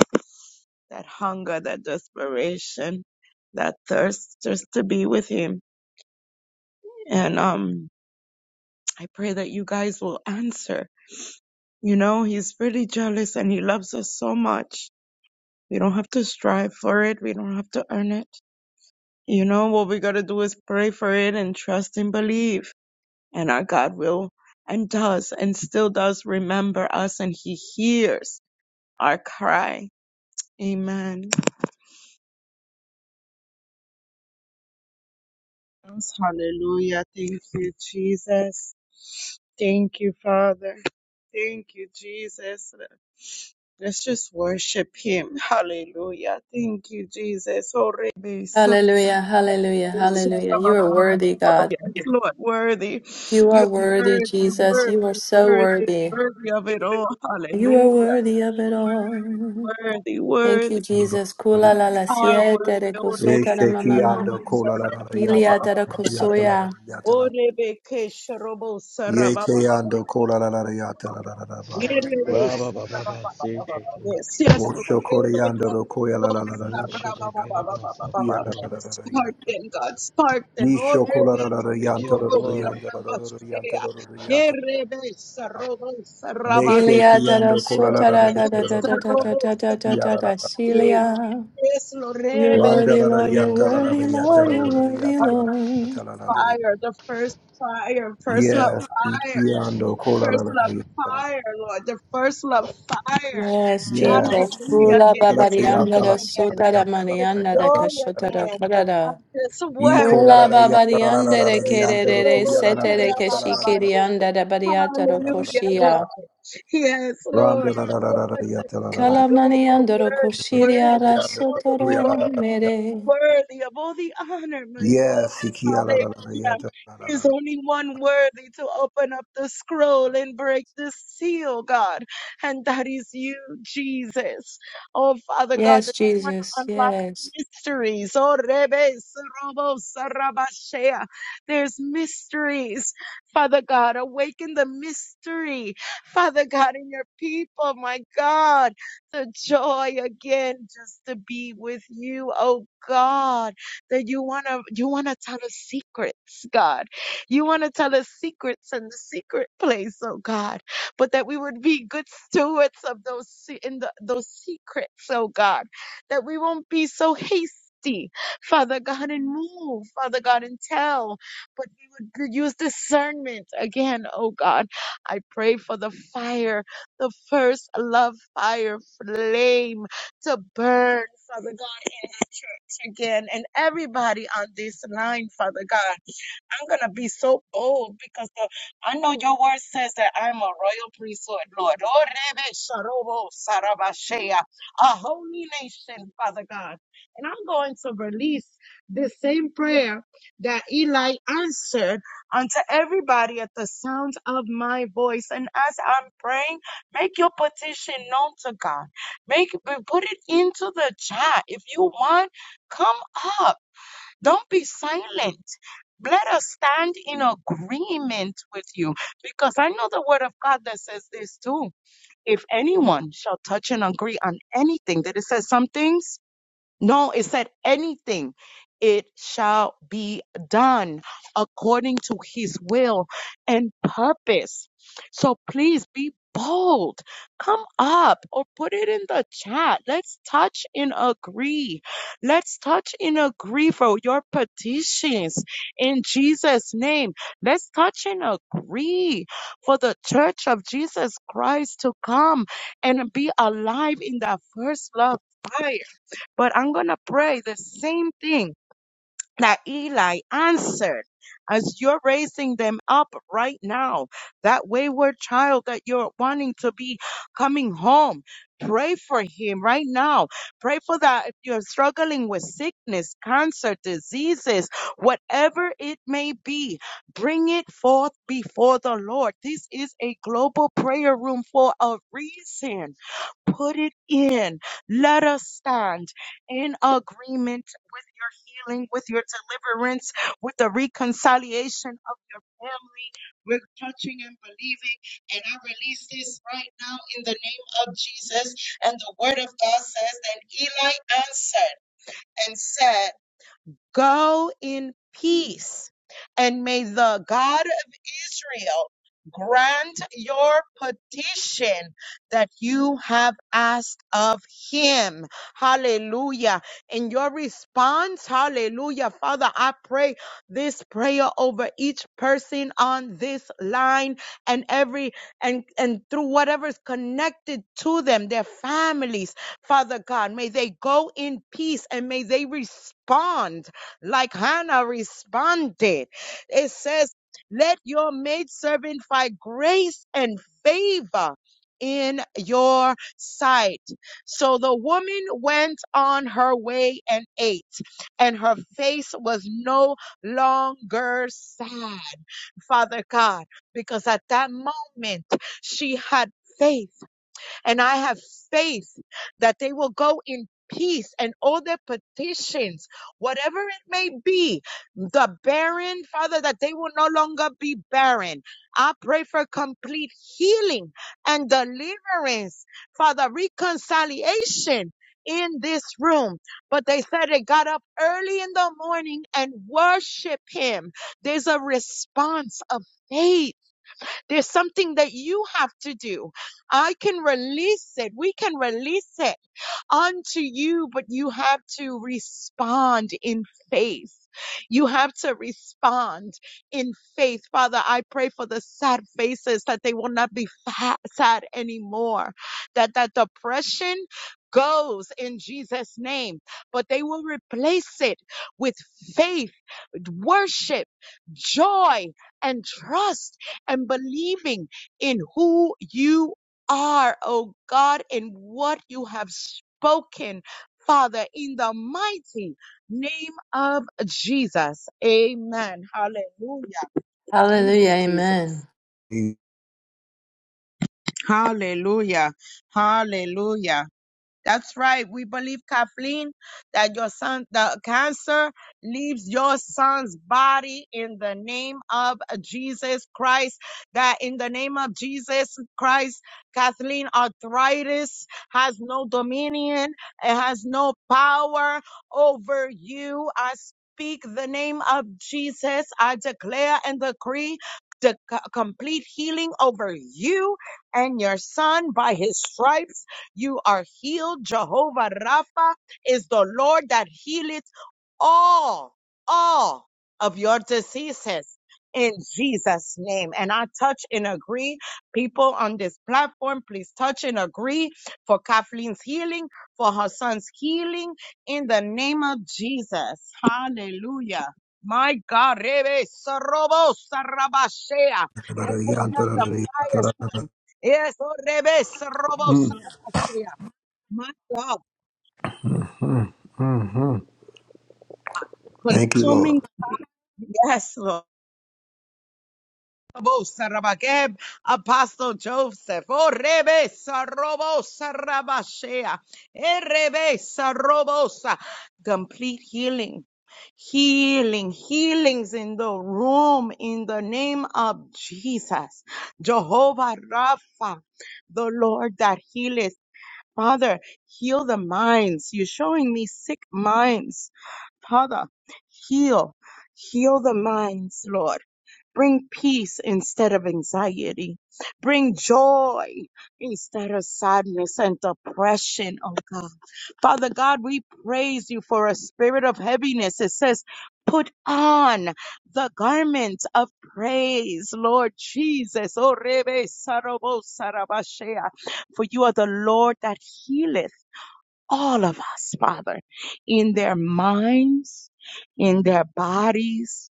Speaker 1: that hunger, that desperation, that thirst just to be with him. And um I pray that you guys will answer You know, he's really jealous and he loves us so much. We don't have to strive for it. We don't have to earn it. You know, what we got to do is pray for it and trust and believe. And our God will and does and still does remember us and he hears our cry. Amen. Hallelujah. Thank you, Jesus. Thank you, Father. Thank you, Jesus. Let's just worship him. Hallelujah. Thank you, Jesus. Oh, Rebbe, so-
Speaker 5: Hallelujah, hallelujah,
Speaker 1: Yes,
Speaker 5: hallelujah. You are worthy, God.
Speaker 1: Lord, worthy.
Speaker 5: You are
Speaker 1: You're
Speaker 5: worthy,
Speaker 1: worthy,
Speaker 5: Jesus. You are
Speaker 1: worthy,
Speaker 5: so
Speaker 1: worthy,
Speaker 5: worthy.
Speaker 1: worthy of it all.
Speaker 5: You are
Speaker 1: Hallelujah.
Speaker 5: worthy of it all.
Speaker 1: Worthy, worthy,
Speaker 5: Thank you,
Speaker 1: worthy.
Speaker 5: Jesus. Kula la la
Speaker 1: I
Speaker 5: siete
Speaker 1: worthy.
Speaker 5: de
Speaker 1: Oh, Rebbe,
Speaker 5: kosota da mama
Speaker 3: Yesheki
Speaker 5: mama.
Speaker 1: Sharobo,
Speaker 3: ando kola la la la
Speaker 1: Sarababa.
Speaker 3: yata
Speaker 5: Ilia
Speaker 3: la
Speaker 5: da da
Speaker 3: yata la la
Speaker 5: kosoya.
Speaker 3: yata
Speaker 1: Oh,
Speaker 3: la
Speaker 1: Rebbe, Ke, Sharobo, Sarababa.
Speaker 3: Yeke ando kola la la la yata la la la la baba
Speaker 4: Ra
Speaker 1: Yes,
Speaker 4: ba ba ba ba,
Speaker 1: yes, Lord.
Speaker 3: Osho kore yando ro koya la la la la la baba yata la la la la la
Speaker 1: Spark
Speaker 3: yata
Speaker 1: them, God. Spark them. Oh,
Speaker 3: Nisho kola la la
Speaker 1: rebels.
Speaker 3: la
Speaker 4: We
Speaker 3: yanta
Speaker 4: give you
Speaker 3: la la
Speaker 1: Robo
Speaker 3: la
Speaker 4: glory.
Speaker 3: yanta la la la la yanta
Speaker 1: Sarabashea.
Speaker 3: la la la
Speaker 1: Ye
Speaker 3: yata
Speaker 1: rebels. Robo Sarabash.
Speaker 5: Ilia
Speaker 3: Mesheki
Speaker 5: da da
Speaker 3: ando kola la
Speaker 5: sota
Speaker 3: la la
Speaker 5: da da
Speaker 1: Robo
Speaker 5: da
Speaker 3: yanta la la
Speaker 5: da da
Speaker 3: la
Speaker 5: da da
Speaker 3: yanta
Speaker 5: da da
Speaker 1: Sarabashea.
Speaker 5: da da
Speaker 3: yara la
Speaker 5: da.
Speaker 3: la la
Speaker 5: Silia.
Speaker 1: Yes, Lord.
Speaker 3: la.
Speaker 5: You're
Speaker 1: Rebels.
Speaker 3: Wanda
Speaker 5: worthy,
Speaker 3: la la
Speaker 5: Lord. You're
Speaker 3: yata
Speaker 4: Yes,
Speaker 3: la
Speaker 4: God.
Speaker 3: la la
Speaker 5: worthy,
Speaker 3: yata
Speaker 5: Lord.
Speaker 3: la
Speaker 5: You're
Speaker 4: Hallelujah.
Speaker 3: la la
Speaker 5: worthy,
Speaker 3: yata
Speaker 1: Our
Speaker 3: la la
Speaker 5: Lord.
Speaker 3: yata la la la
Speaker 1: fire, the first fire, first love
Speaker 3: Yes,
Speaker 1: fire,
Speaker 3: ikiando kola la
Speaker 1: first
Speaker 3: la
Speaker 1: love
Speaker 3: la la la.
Speaker 1: fire, Lord, the first love fire.
Speaker 5: Yes, Jesus.
Speaker 3: Yes,
Speaker 1: Hallelujah.
Speaker 5: Kula
Speaker 1: The
Speaker 3: ikola la ya
Speaker 5: babarianda
Speaker 3: la
Speaker 1: excitement
Speaker 5: da
Speaker 3: la
Speaker 1: again.
Speaker 3: la
Speaker 5: sota da
Speaker 3: ya
Speaker 1: The
Speaker 3: la la ya
Speaker 5: manianda da
Speaker 3: la la
Speaker 1: joy
Speaker 5: kashota
Speaker 3: ya.
Speaker 5: da
Speaker 1: again. Of
Speaker 5: karada.
Speaker 1: this word.
Speaker 3: Ikola la
Speaker 5: Kula
Speaker 3: la ya la la la
Speaker 5: babarianda
Speaker 3: la la
Speaker 5: de
Speaker 3: ya la ku
Speaker 5: kerere
Speaker 3: ya la la la
Speaker 5: setere
Speaker 3: ya la la la
Speaker 5: keshikirianda da bariata
Speaker 3: la
Speaker 5: ro
Speaker 3: la la la
Speaker 1: Hallelujah,
Speaker 3: ya.
Speaker 5: koshia.
Speaker 1: Lord. Yes, Lord.
Speaker 3: Randa la la la la la ya
Speaker 1: Word,
Speaker 3: la la la
Speaker 1: God.
Speaker 3: la
Speaker 5: Kala
Speaker 1: Oh, the
Speaker 5: manianda ro
Speaker 1: word, word.
Speaker 5: da
Speaker 3: ya
Speaker 1: of all
Speaker 3: la
Speaker 1: the
Speaker 3: ku ya la
Speaker 1: glory
Speaker 5: sotoro
Speaker 3: la la ya.
Speaker 5: mere.
Speaker 1: worthy of all the honor, my Lord.
Speaker 3: Yes, ikia la la la la ya
Speaker 1: Hallelujah.
Speaker 3: la la la la
Speaker 1: There's
Speaker 3: la.
Speaker 1: only one worthy to open up the scroll and break the seal, God, and that is you, Jesus. Oh, Father God,
Speaker 5: Yes,
Speaker 1: that you want to
Speaker 5: Jesus.
Speaker 1: unlock
Speaker 5: Yes.
Speaker 1: mysteries. Oh, Rebe Sorobo Sarabashea. There's mysteries. Father God, awaken the mystery. Father God, in your people, my God the joy again just to be with you, oh God, that you wanna you wanna tell us secrets, God. You wanna tell us secrets in the secret place, oh God, but that we would be good stewards of those se- in the, those secrets, oh God, that we won't be so hasty. Father God, and move, Father God, and tell, but we would use discernment again, oh God. I pray for the fire the first love fire flame to burn, Father God, in the church again and everybody on this line, Father God. I'm going to be so bold because the, I know your word says that I'm a royal priesthood, Lord. Oh, Rebe Sharobo Sarabashea, A holy nation, Father God. And I'm going to release the same prayer that Eli answered unto everybody at the sound of my voice. And as I'm praying, make your petition known to God. Make put it into the chat. If you want, come up. Don't be silent. Let us stand in agreement with you because I know the word of God that says this too. If anyone shall touch and agree on anything, that it says some things. No, it said anything. It shall be done according to his will and purpose. So please be bold. Come up or put it in the chat. Let's touch and agree. Let's touch and agree for your petitions in Jesus' name. Let's touch and agree for the church of Jesus Christ to come and be alive in that first love fire but I'm going to pray the same thing that Eli answered as you're raising them up right now, that wayward child that you're wanting to be coming home. Pray for him right now. Pray for that if you're struggling with sickness, cancer, diseases, whatever it may be, bring it forth before the Lord. This is a global prayer room for a reason. Put it in. Let us stand in agreement healing, with your deliverance, with the reconciliation of your family. We're touching and believing. And I release this right now in the name of Jesus. And the word of God says, And Eli answered and said, Go in peace, and may the God of Israel grant your petition that you have asked of him. Hallelujah. And your response, hallelujah. Father, I pray this prayer over each person on this line and every and and through whatever's connected to them, their families, Father God. May they go in peace and may they respond like Hannah responded. It says, Let your maidservant find grace and favor in your sight. So the woman went on her way and ate, and her face was no longer sad, Father God, because at that moment she had faith. And I have faith that they will go in peace and all their petitions, whatever it may be, the barren, Father, that they will no longer be barren. I pray for complete healing and deliverance, Father, reconciliation in this room. But they said they got up early in the morning and worship Him. There's a response of faith there's something that you have to do. I can release it. We can release it unto you, but you have to respond in faith. You have to respond in faith. Father, I pray for the sad faces that they will not be fa- sad anymore, that that depression goes in Jesus' name, but they will replace it with faith, worship, joy, and trust, and believing in who you are, oh God, and what you have spoken, Father, in the mighty name of Jesus. Amen. Hallelujah. Thank
Speaker 5: Hallelujah.
Speaker 1: you, Jesus.
Speaker 5: Amen.
Speaker 1: Hallelujah. Hallelujah. That's right. We believe, Kathleen, that your son, the cancer leaves your son's body in the name of Jesus Christ. That in the name of Jesus Christ, Kathleen, arthritis has no dominion, it has no power over you. I speak the name of Jesus. I declare and decree. The c- complete healing over you and your son by his stripes you are healed. Jehovah Rapha is the Lord that healeth all, all of your diseases in Jesus' name. And I touch and agree. People on this platform, please touch and agree for Kathleen's healing, for her son's healing in the name of Jesus. Hallelujah. My God, Rebe Sorobo Sarabashea.
Speaker 3: Ikola
Speaker 1: They're
Speaker 3: la la ya
Speaker 1: putting
Speaker 3: la
Speaker 1: up
Speaker 3: la
Speaker 1: the
Speaker 3: la ya
Speaker 1: fire
Speaker 3: la la la.
Speaker 1: sign. Yes, oh, Rebe Sorobo
Speaker 3: Mm,
Speaker 1: Ashaya. My God,
Speaker 3: mm, mm, mm. Thank you,
Speaker 1: consuming,
Speaker 3: Lord.
Speaker 1: yes, Lord. Robo Sarabakeb, Apostle Joseph, oh Rebe Sarobo Sarabashea, Eh, Sarobosa, complete healing, healing, healings in the room in the name of Jesus, Jehovah Rapha, the Lord that healeth. Father, heal the minds. You're showing me sick minds Father, heal, heal the minds, Lord. Bring peace instead of anxiety. Bring joy instead of sadness and depression, oh God. Father God, we praise you for a spirit of heaviness. It says, put on the garment of praise, Lord Jesus. Oh, Rebe Sarobo Sarabashea. For you are the Lord that healeth all of us, Father, in their minds, in their bodies,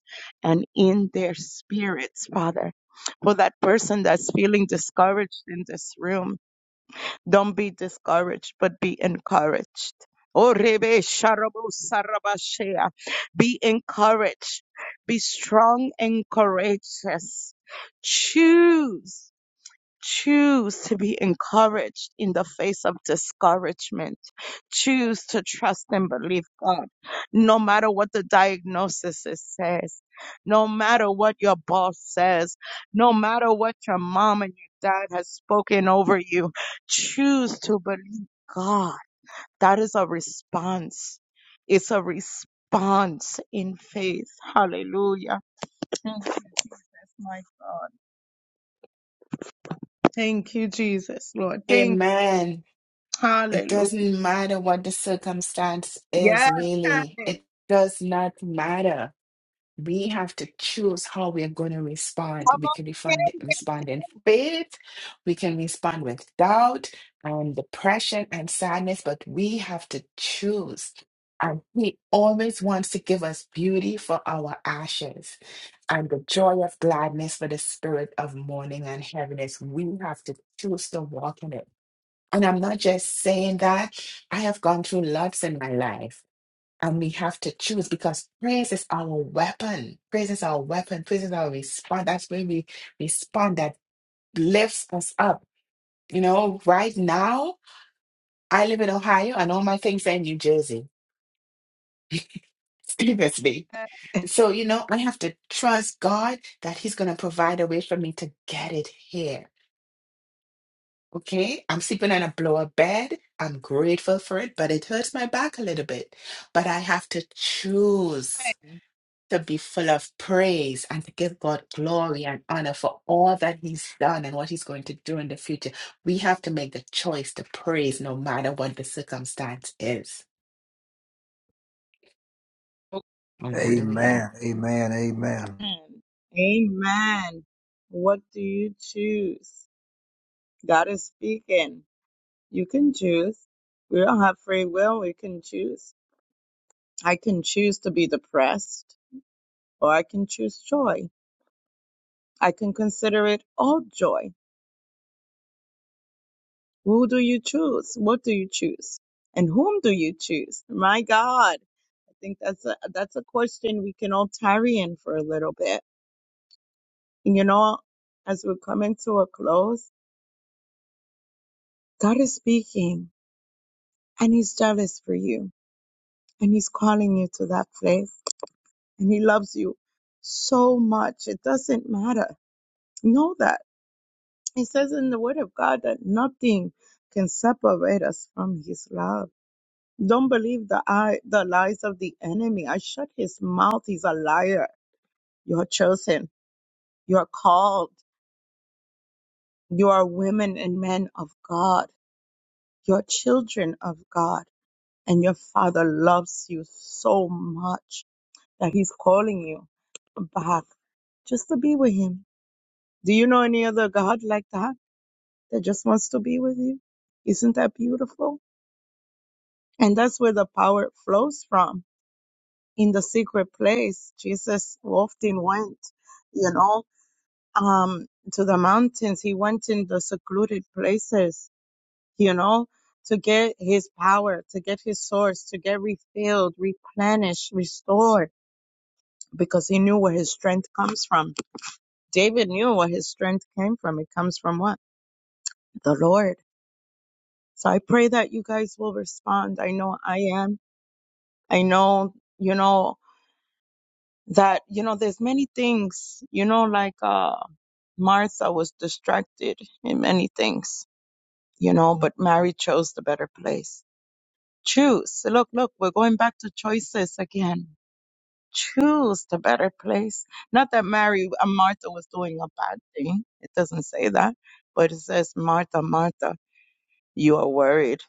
Speaker 1: and in their spirits, Father. For that person that's feeling discouraged in this room, don't be discouraged, but be encouraged. Oh, Rebe Sharabo Sarabashea. Be encouraged. Be strong and courageous. Choose. Choose to be encouraged in the face of discouragement. Choose to trust and believe God, no matter what the diagnosis is- says, no matter what your boss says, no matter what your mom and your dad has spoken over you. Choose to believe God. That is a response. It's a response in faith. Hallelujah. Thank you, my God. Thank you, Jesus, Lord. Thank
Speaker 6: Amen. It
Speaker 1: Hallelujah.
Speaker 6: doesn't matter what the circumstance is,
Speaker 1: Yes, Candace.
Speaker 6: really. It does not matter. We have to choose how we are going to respond.
Speaker 1: Come
Speaker 6: We
Speaker 1: on,
Speaker 6: can refund, respond in faith, we can respond with doubt and depression and sadness, but we have to choose. And He always wants to give us beauty for our ashes and the joy of gladness for the spirit of mourning and heaviness. We have to choose to walk in it. And I'm not just saying that, I have gone through lots in my life. And we have to choose because praise is our weapon. Praise is our weapon. Praise is our response. That's when we respond that lifts us up. You know, right now, I live in Ohio and all my things are in New Jersey. Seriously. So, you know, I have to trust God that He's going to provide a way for me to get it here. Okay. I'm sleeping on a blow up bed. I'm grateful for it, but it hurts my back a little bit. But I have to choose. to be full of praise and to give God glory and honor for all that He's done and what He's going to do in the future. We have to make the choice to praise no matter what the circumstance is. Hallelujah.
Speaker 3: Amen. Amen. Amen.
Speaker 1: Candace. Amen. What do you choose? God is speaking. You can choose. We don't have free will. We can choose. I can choose to be depressed or I can choose joy. I can consider it all joy. Who do you choose? What do you choose? And whom do you choose? My God. I think that's a, that's a question we can all tarry in for a little bit And you know, as we're coming to a close, God is speaking and He's jealous for you and He's calling you to that place and He loves you so much. It doesn't matter. Know that. He says in the Word of God that nothing can separate us from His love. Don't believe the eye, the lies of the enemy. I shut his mouth. He's a liar. You are chosen. You are called. You are women and men of God. You are children of God and your father loves you so much that he's calling you back just to be with him. Do you know any other God like that that just wants to be with you? Isn't that beautiful? And that's where the power flows from in the secret place. Jesus often went, you know, um, to the mountains. He went in the secluded places, you know, to get his power, to get his source, to get refilled, replenished, restored because he knew where his strength comes from. David knew where his strength came from. It comes from what? The Lord. So I pray that you guys will respond. I know I am. I know, you know, that, you know, there's many things, you know, like, uh, Martha was distracted in many things, you know, but Mary chose the better place. Choose. Look, look, we're going back to choices again choose the better place. Not that Mary and Martha was doing a bad thing. It doesn't say that. But it says, Martha, Martha, you are worried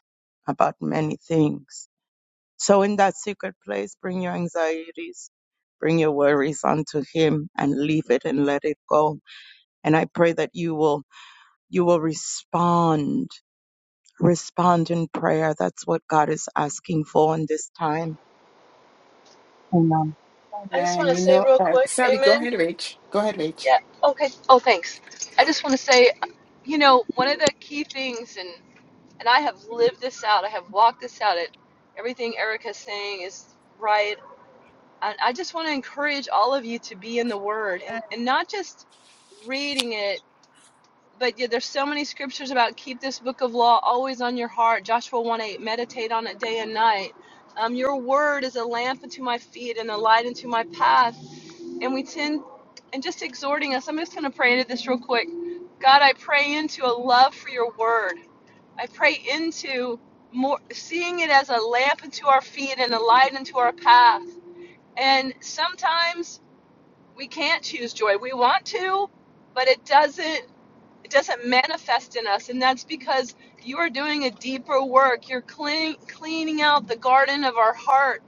Speaker 1: about many things. So in that secret place, bring your anxieties, bring your worries unto him and leave it and let it go. And I pray that you will, you will respond, respond in prayer. That's what God is asking for in this time. Amen.
Speaker 5: I just want
Speaker 6: Amen.
Speaker 5: to
Speaker 6: You
Speaker 5: say
Speaker 6: know,
Speaker 5: real
Speaker 6: uh,
Speaker 5: quick,
Speaker 6: Sally, go
Speaker 5: amen.
Speaker 6: ahead, Rach. Go ahead, Rach.
Speaker 5: Yeah. Okay. Oh, thanks. I just want to say, you know, one of the key things, and I have lived this out. I have walked this out. It, everything Erica's saying is right. And I just want to encourage all of you to be in the Word and, and not just reading it, but yeah, there's so many scriptures about keep this book of law always on your heart. Joshua 1 8, meditate on it day and night. Um, your Word is a lamp unto my feet and a light unto my path and we tend and just exhorting us i'm just going to pray into this real quick god i pray into a love for your word I pray into more seeing it as a lamp unto our feet and a light unto our path. And sometimes we can't choose joy. We want to, but it doesn't it doesn't manifest in us, and that's because you are doing a deeper work. You're clean, cleaning out the garden of our heart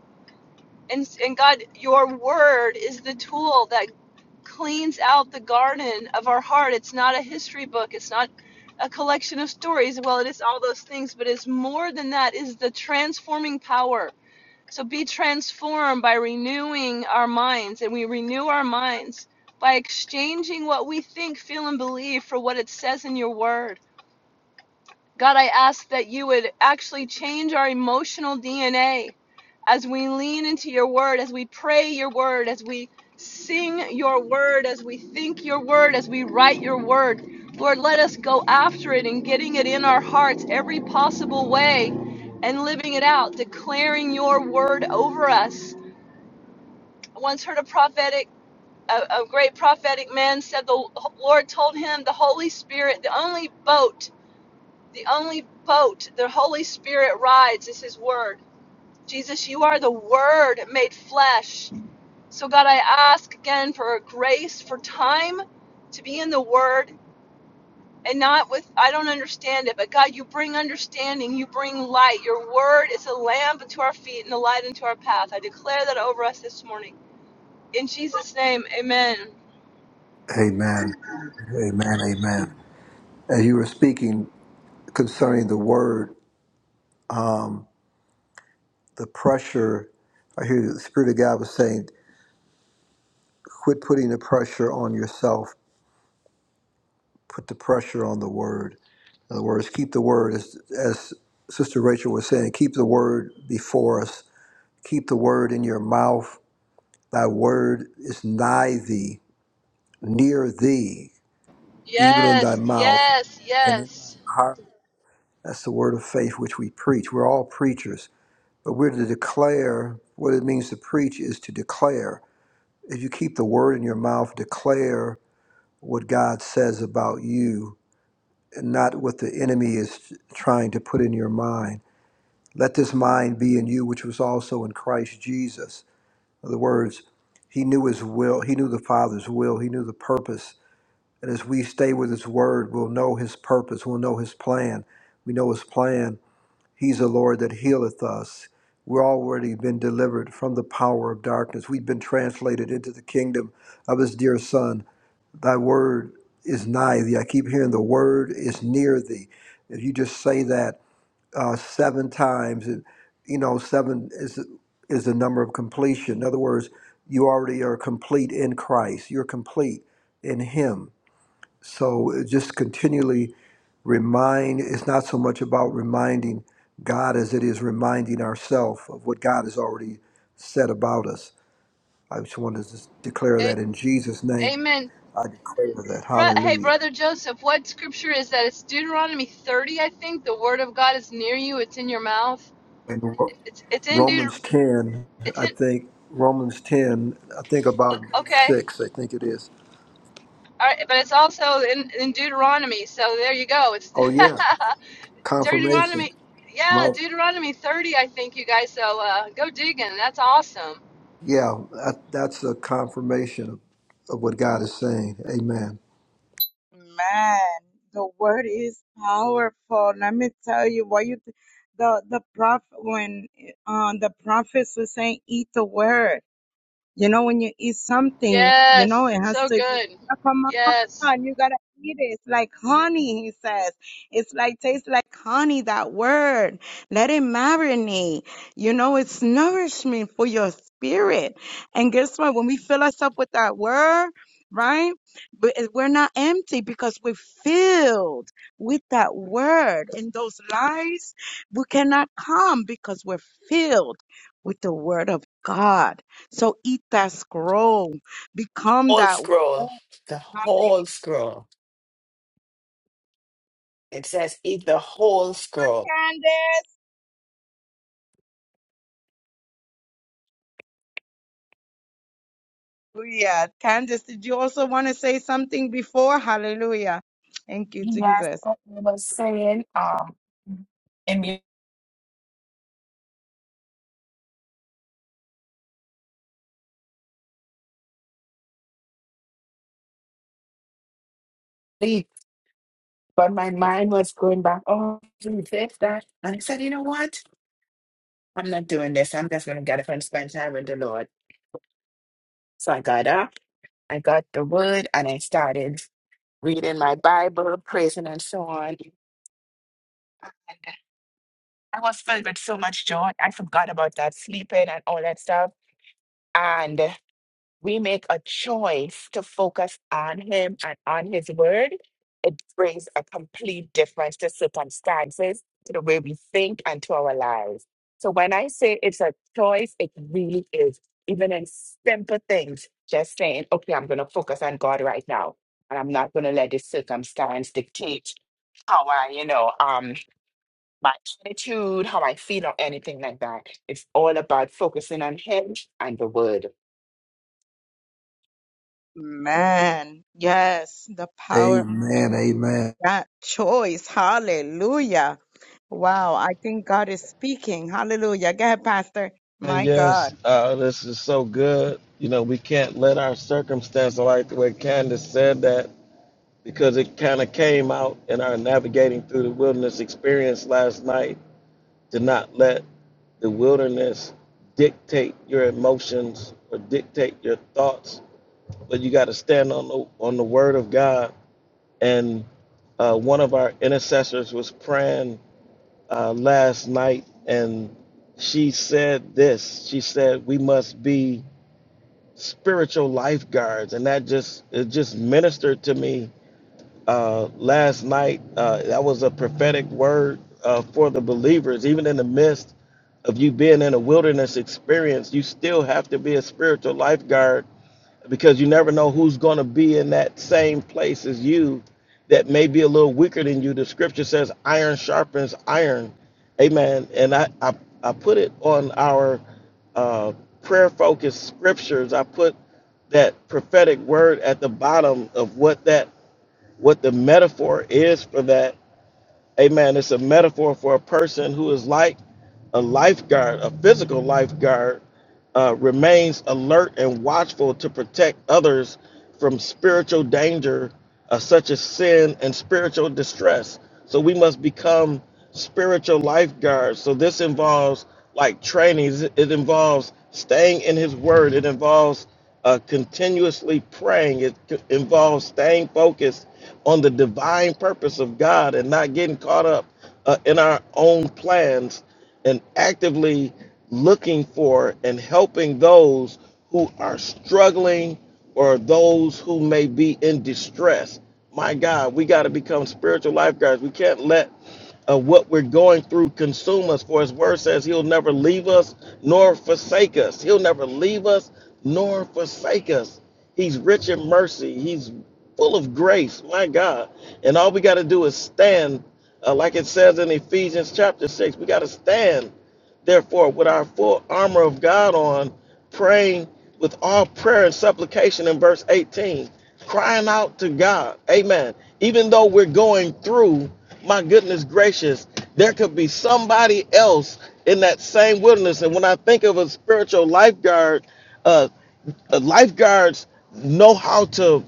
Speaker 5: and, and God, your word is the tool that cleans out the garden of our heart. It's not a history book, it's not a collection of stories. Well, it is all those things, but it's more than that, is the transforming power. So be transformed by renewing our minds, and we renew our minds by exchanging what we think, feel, and believe for what it says in your word. God, I ask that you would actually change our emotional DNA as we lean into your word, as we pray your word, as we sing your word, as we think your word, as we write your word. Lord, let us go after it and getting it in our hearts every possible way and living it out, declaring your word over us. I once heard a prophetic, a, a great prophetic man said the Lord told him the Holy Spirit, the only boat the only boat the Holy Spirit rides is His Word. Jesus, you are the Word made flesh. So, God, I ask again for grace, for time to be in the Word and not with, I don't understand it, but God, you bring understanding, you bring light. Your Word is a lamp unto our feet and a light unto our path. I declare that over us this morning. In Jesus' name, amen.
Speaker 3: Amen. Amen. Amen. As you were speaking concerning the word, um, the pressure, I hear the Spirit of God was saying, quit putting the pressure on yourself, put the pressure on the word. In other words, keep the word, as, as Sister Rachel was saying, keep the word before us, keep the word in your mouth. Thy word is nigh thee, near thee, even in thy
Speaker 5: Yes,
Speaker 3: mouth
Speaker 5: yes,
Speaker 3: and in thy
Speaker 5: yes.
Speaker 3: heart. That's the word of faith which we preach. We're all preachers But we're to declare what it means to preach is to declare. If you keep the word in your mouth, declare what God says about you and not what the enemy is trying to put in your mind. Let this mind be in you, which was also in Christ Jesus. In other words, he knew his will, he knew the Father's will, he knew the purpose. And as we stay with his word, we'll know his purpose, we'll know his plan. We know his plan He's the Lord that healeth us. We've already been delivered from the power of darkness. We've been translated into the kingdom of His dear Son. Thy word is nigh thee. I keep hearing the word is near thee. If you just say that uh, seven times, it, you know, seven is, is the number of completion. In other words, you already are complete in Christ, you're complete in Him. So uh, just continually remind, it's not so much about reminding God as it is reminding ourselves of what God has already said about us. I just want to just declare that
Speaker 5: A-
Speaker 3: in Jesus' name.
Speaker 5: amen.
Speaker 3: I declare that.
Speaker 5: Bro- Hey,
Speaker 3: Hallelujah.
Speaker 5: brother Joseph, what scripture is that? It's Deuteronomy 30, I think. The word of God is near you. It's in your mouth.
Speaker 3: In Ro-
Speaker 5: It- It's it's in Deut.
Speaker 3: Romans 10,
Speaker 5: It's
Speaker 3: I
Speaker 5: in.
Speaker 3: think, Romans 10, I think about verse
Speaker 5: Okay,
Speaker 3: 6, I think it is.
Speaker 5: all right, but it's also in, in Deuteronomy. So there you go. It's
Speaker 3: Oh, yeah, confirmation.
Speaker 5: Deuteronomy. Yeah,
Speaker 3: My-
Speaker 5: Deuteronomy 30, I think you guys. So uh, go digging. That's awesome.
Speaker 3: yeah, that, that's a confirmation of, of what God is saying. Amen.
Speaker 1: Man, the word is powerful. Let me tell you what you the the prophet when uh, the prophets were saying, eat the word. You know, when you eat something, you know,
Speaker 5: Yes,
Speaker 1: it has
Speaker 5: so
Speaker 1: to
Speaker 5: good.
Speaker 1: Yeah, come
Speaker 5: Yes.
Speaker 1: on, you gotta eat it. It's like honey, he says. It's like tastes like honey, that word. Let it marinate. You know, it's nourishment for your spirit. And guess what? When we fill us up with that word, right? But it- we're not empty because we're filled with that word. And those lies, we cannot come because we're filled with the word of God. So eat that scroll. Become
Speaker 6: whole
Speaker 1: that.
Speaker 6: scroll. The
Speaker 1: wine.
Speaker 6: whole scroll. It says eat the whole scroll.
Speaker 1: Candace. Hallelujah. Candace, did you also want to say something before? Hallelujah. Thank you,
Speaker 6: Yes,
Speaker 1: Jesus.
Speaker 6: what I was saying. Um, and you- sleep, but my mind was going back. Oh, do this, that. And I said, you know what? I'm not doing this. I'm just going to get up and spend time with the Lord. So I got up, I got the word, and I started. reading my Bible, praising, and so on. And I was filled with so much joy. I forgot about that sleeping and all that stuff. And we make a choice to focus on Him and on His Word. It brings a complete difference to circumstances, to the way we think, and to our lives. So when I say it's a choice, it really is. Even in simple things, just saying, okay, I'm going to focus on God right now. And I'm not going to let this circumstance dictate how I, you know, um, my attitude, how I feel, or anything like that. It's all about focusing on Him and the Word.
Speaker 1: Man, yes, the power of
Speaker 3: Amen. Amen.
Speaker 1: that choice. Hallelujah. Wow, I think God is speaking. Hallelujah. Go ahead, Pastor.
Speaker 4: And
Speaker 1: My God.
Speaker 4: yes, uh, this is so good. You know, we can't let our circumstance, I like the way Candace said that, because it kind of came out in our navigating through the wilderness experience last night, to not let the wilderness dictate your emotions or dictate your thoughts, but you got to stand on the on the word of God. And uh, one of our intercessors was praying uh, last night, and she said this. She said we must be spiritual lifeguards, and that just it just ministered to me uh, last night. Uh, that was a prophetic word uh, for the believers. Even in the midst of you being in a wilderness experience, you still have to be a spiritual lifeguard because you never know who's going to be in that same place as you that may be a little weaker than you. The scripture says, iron sharpens iron. Amen. And I, I, I put it on our uh, prayer focused scriptures. I put that prophetic word at the bottom of what that what the metaphor is for that. Amen. It's a metaphor for a person who is like a lifeguard, a physical lifeguard uh, remains alert and watchful to protect others from spiritual danger, uh, such as sin and spiritual distress. So we must become spiritual lifeguards. So this involves like trainings, it involves staying in His Word, it involves uh, continuously praying, it c- involves staying focused on the divine purpose of God and not getting caught up uh, in our own plans and actively looking for and helping those who are struggling or those who may be in distress. My God, we got to become spiritual lifeguards. We can't let of what we're going through consume us. For his word says he'll never leave us nor forsake us. He'll never leave us nor forsake us. He's rich in mercy. He's full of grace. My God. And all we got to do is stand, uh, like it says in Ephesians chapter 6. We got to stand Therefore, with our full armor of God on, praying with all prayer and supplication in verse 18, crying out to God. Amen. Even though we're going through, my goodness gracious, there could be somebody else in that same wilderness. And when I think of a spiritual lifeguard, uh, uh, lifeguards know how to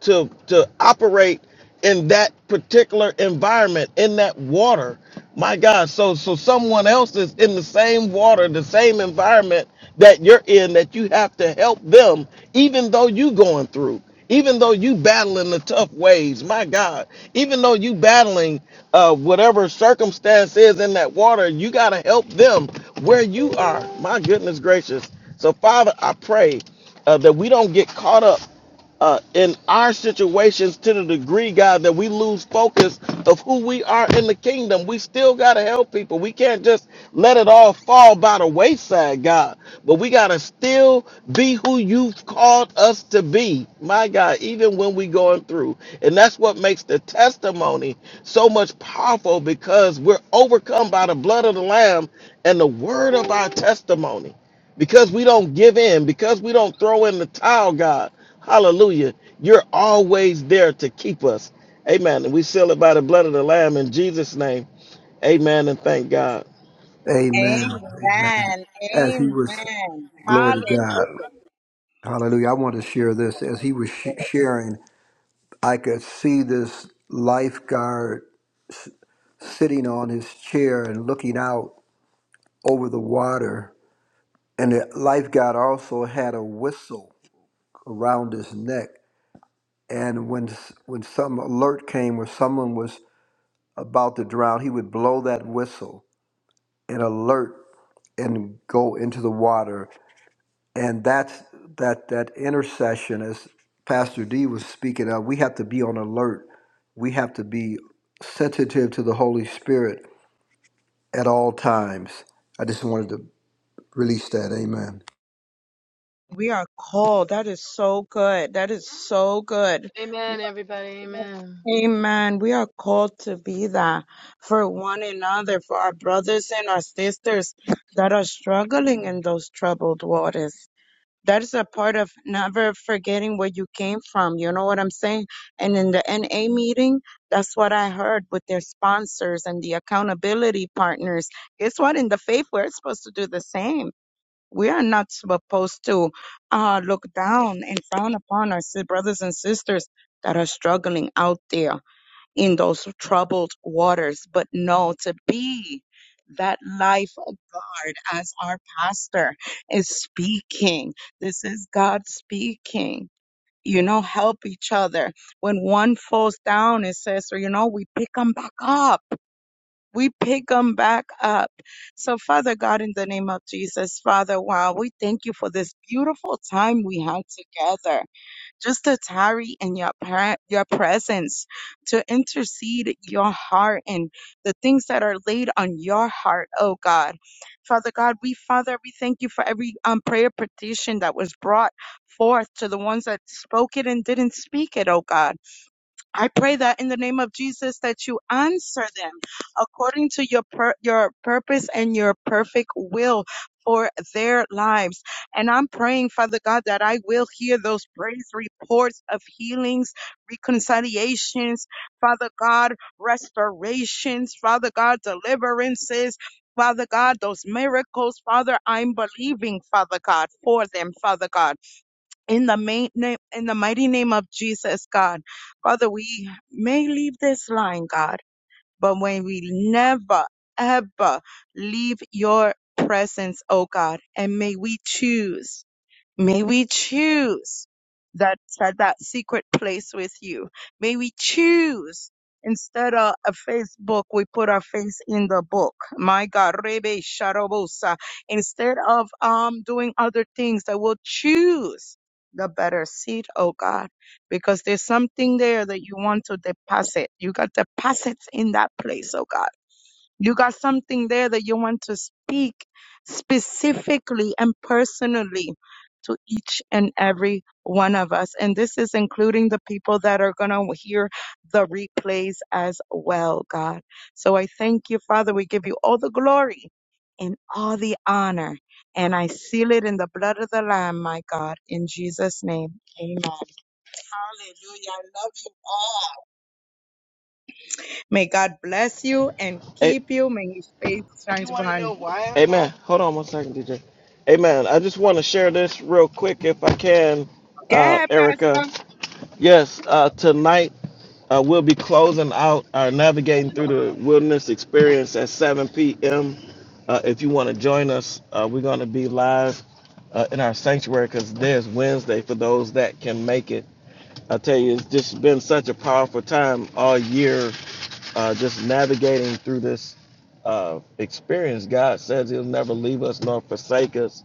Speaker 4: to to operate in that particular environment in that water my god so so someone else is in the same water the same environment that you're in that you have to help them even though you going through even though you battling the tough waves, my god even though you battling uh whatever circumstance is in that water you got to help them where you are my goodness gracious so father i pray uh, that we don't get caught up uh, in our situations to the degree, God, that we lose focus of who we are in the kingdom. We still got to help people. We can't just let it all fall by the wayside, God. But we got to still be who you've called us to be, my God, even when we going through. And that's what makes the testimony so much powerful because we're overcome by the blood of the Lamb and the word of our testimony because we don't give in, because we don't throw in the towel, God. Hallelujah. You're always there to keep us. Amen. And we seal it by the blood of the Lamb in Jesus' name. Amen. And thank God.
Speaker 3: Amen. Amen.
Speaker 1: Amen.
Speaker 3: As he was,
Speaker 1: Amen.
Speaker 3: glory to God. Hallelujah. I want to share this. As
Speaker 1: Hallelujah.
Speaker 3: he was sh- sharing, I could see this lifeguard sitting on his chair and looking out over the water. And the lifeguard also had a whistle around his neck. And when s- when some alert came or someone was about to drown, he would blow that whistle and alert and go into the water and that's that that intercession as pastor d was speaking of we have to be on alert we have to be sensitive to the holy spirit at all times i just wanted to release that amen
Speaker 1: We are called. That is so good. That is so good.
Speaker 5: Amen, everybody. Amen.
Speaker 1: Amen. We are called to be that for one another, for our brothers and our sisters that are struggling in those troubled waters. That is a part of never forgetting where you came from. You know what I'm saying? And in the NA meeting, that's what I heard with their sponsors and the accountability partners. Guess what? In the faith, we're supposed to do the same we are not supposed to uh, look down and frown upon our si- brothers and sisters that are struggling out there in those troubled waters, but no, to be that life guard as our pastor is speaking. This is God speaking. You know, help each other. When one falls down, it says, "So, you know, we pick them back up we pick them back up. So, Father God, in the name of Jesus, Father, wow, we thank you for this beautiful time we had together, just to tarry in your pre- your presence, to intercede your heart and the things that are laid on your heart, oh God. Father God, we Father, we thank you for every um, prayer petition that was brought forth to the ones that spoke it and didn't speak it, oh God. I pray that in the name of Jesus that you answer them according to your per- your purpose and your perfect will for their lives. And I'm praying, Father God, that I will hear those praise reports of healings, reconciliations, Father God, restorations, Father God, deliverances. Father God, those miracles, Father, I'm believing, Father God, for them, Father God. In the main name, in the mighty name of Jesus, God. Father, we may leave this line, God, but when we never, ever leave your presence, oh God, and may we choose May we choose that, that, that secret place with you. May we choose instead of a Facebook, we put our face in the book. My God, Rebe Sharobosa. Instead of, um, doing other things that will choose the better seat, oh God, because there's something there that you want to deposit. You got deposits in that place, oh God. You got something there that you want to speak specifically and personally to each and every one of us. And this is including the people that are going to hear the replays as well, God. So I thank you, Father. We give you all the glory and all the honor. And I seal it in the blood of the Lamb, my God, in Jesus' name. Amen. Hallelujah. I love you all. May God bless you and
Speaker 4: A-
Speaker 1: keep you. May His face shine upon you.
Speaker 4: Amen. Hold on one second, DJ. Amen. I just want to share this real quick if I can,
Speaker 1: Go
Speaker 4: uh,
Speaker 1: ahead,
Speaker 4: Erica.
Speaker 1: Pastor.
Speaker 4: Yes, uh, tonight uh, we'll be closing out our navigating through the wilderness experience at 7 p.m. Uh, if you want to join us, uh, we're going to be live uh, in our sanctuary because there's Wednesday for those that can make it. I tell you, it's just been such a powerful time all year uh, just navigating through this uh, experience. God says He'll never leave us nor forsake us.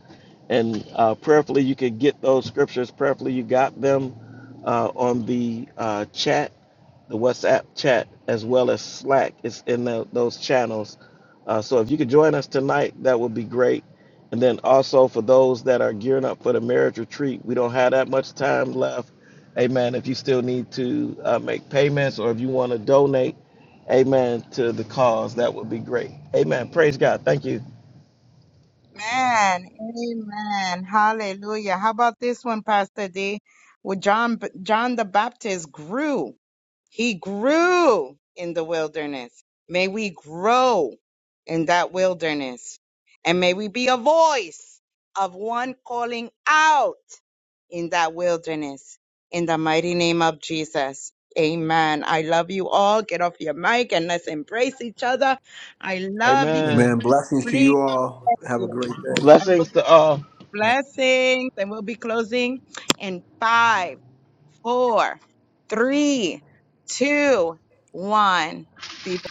Speaker 4: And uh, prayerfully, you could get those scriptures. Prayerfully, you got them uh, on the uh, chat the WhatsApp chat as well as Slack is in the, those channels. Uh, so if you could join us tonight, that would be great. And then also for those that are gearing up for the marriage retreat, we don't have that much time left. Amen. If you still need to uh, make payments or if you want to donate, amen, to the cause, that would be great. Amen. Praise God. Thank you.
Speaker 1: Man, Amen. Hallelujah. How about this one, Pastor D? With John, John the Baptist grew. He grew in the wilderness. May we grow in that wilderness. And may we be a voice of one calling out in that wilderness. In the mighty name of Jesus. Amen. I love you all. Get off your mic and let's embrace each other. I love you.
Speaker 4: Amen.
Speaker 3: amen blessings to
Speaker 1: please.
Speaker 3: you all have
Speaker 1: Yeah.
Speaker 3: a great day
Speaker 1: And we'll
Speaker 4: Blessings
Speaker 1: be
Speaker 4: to all.
Speaker 1: blessings and we'll be closing in five, four, three, two, one. Be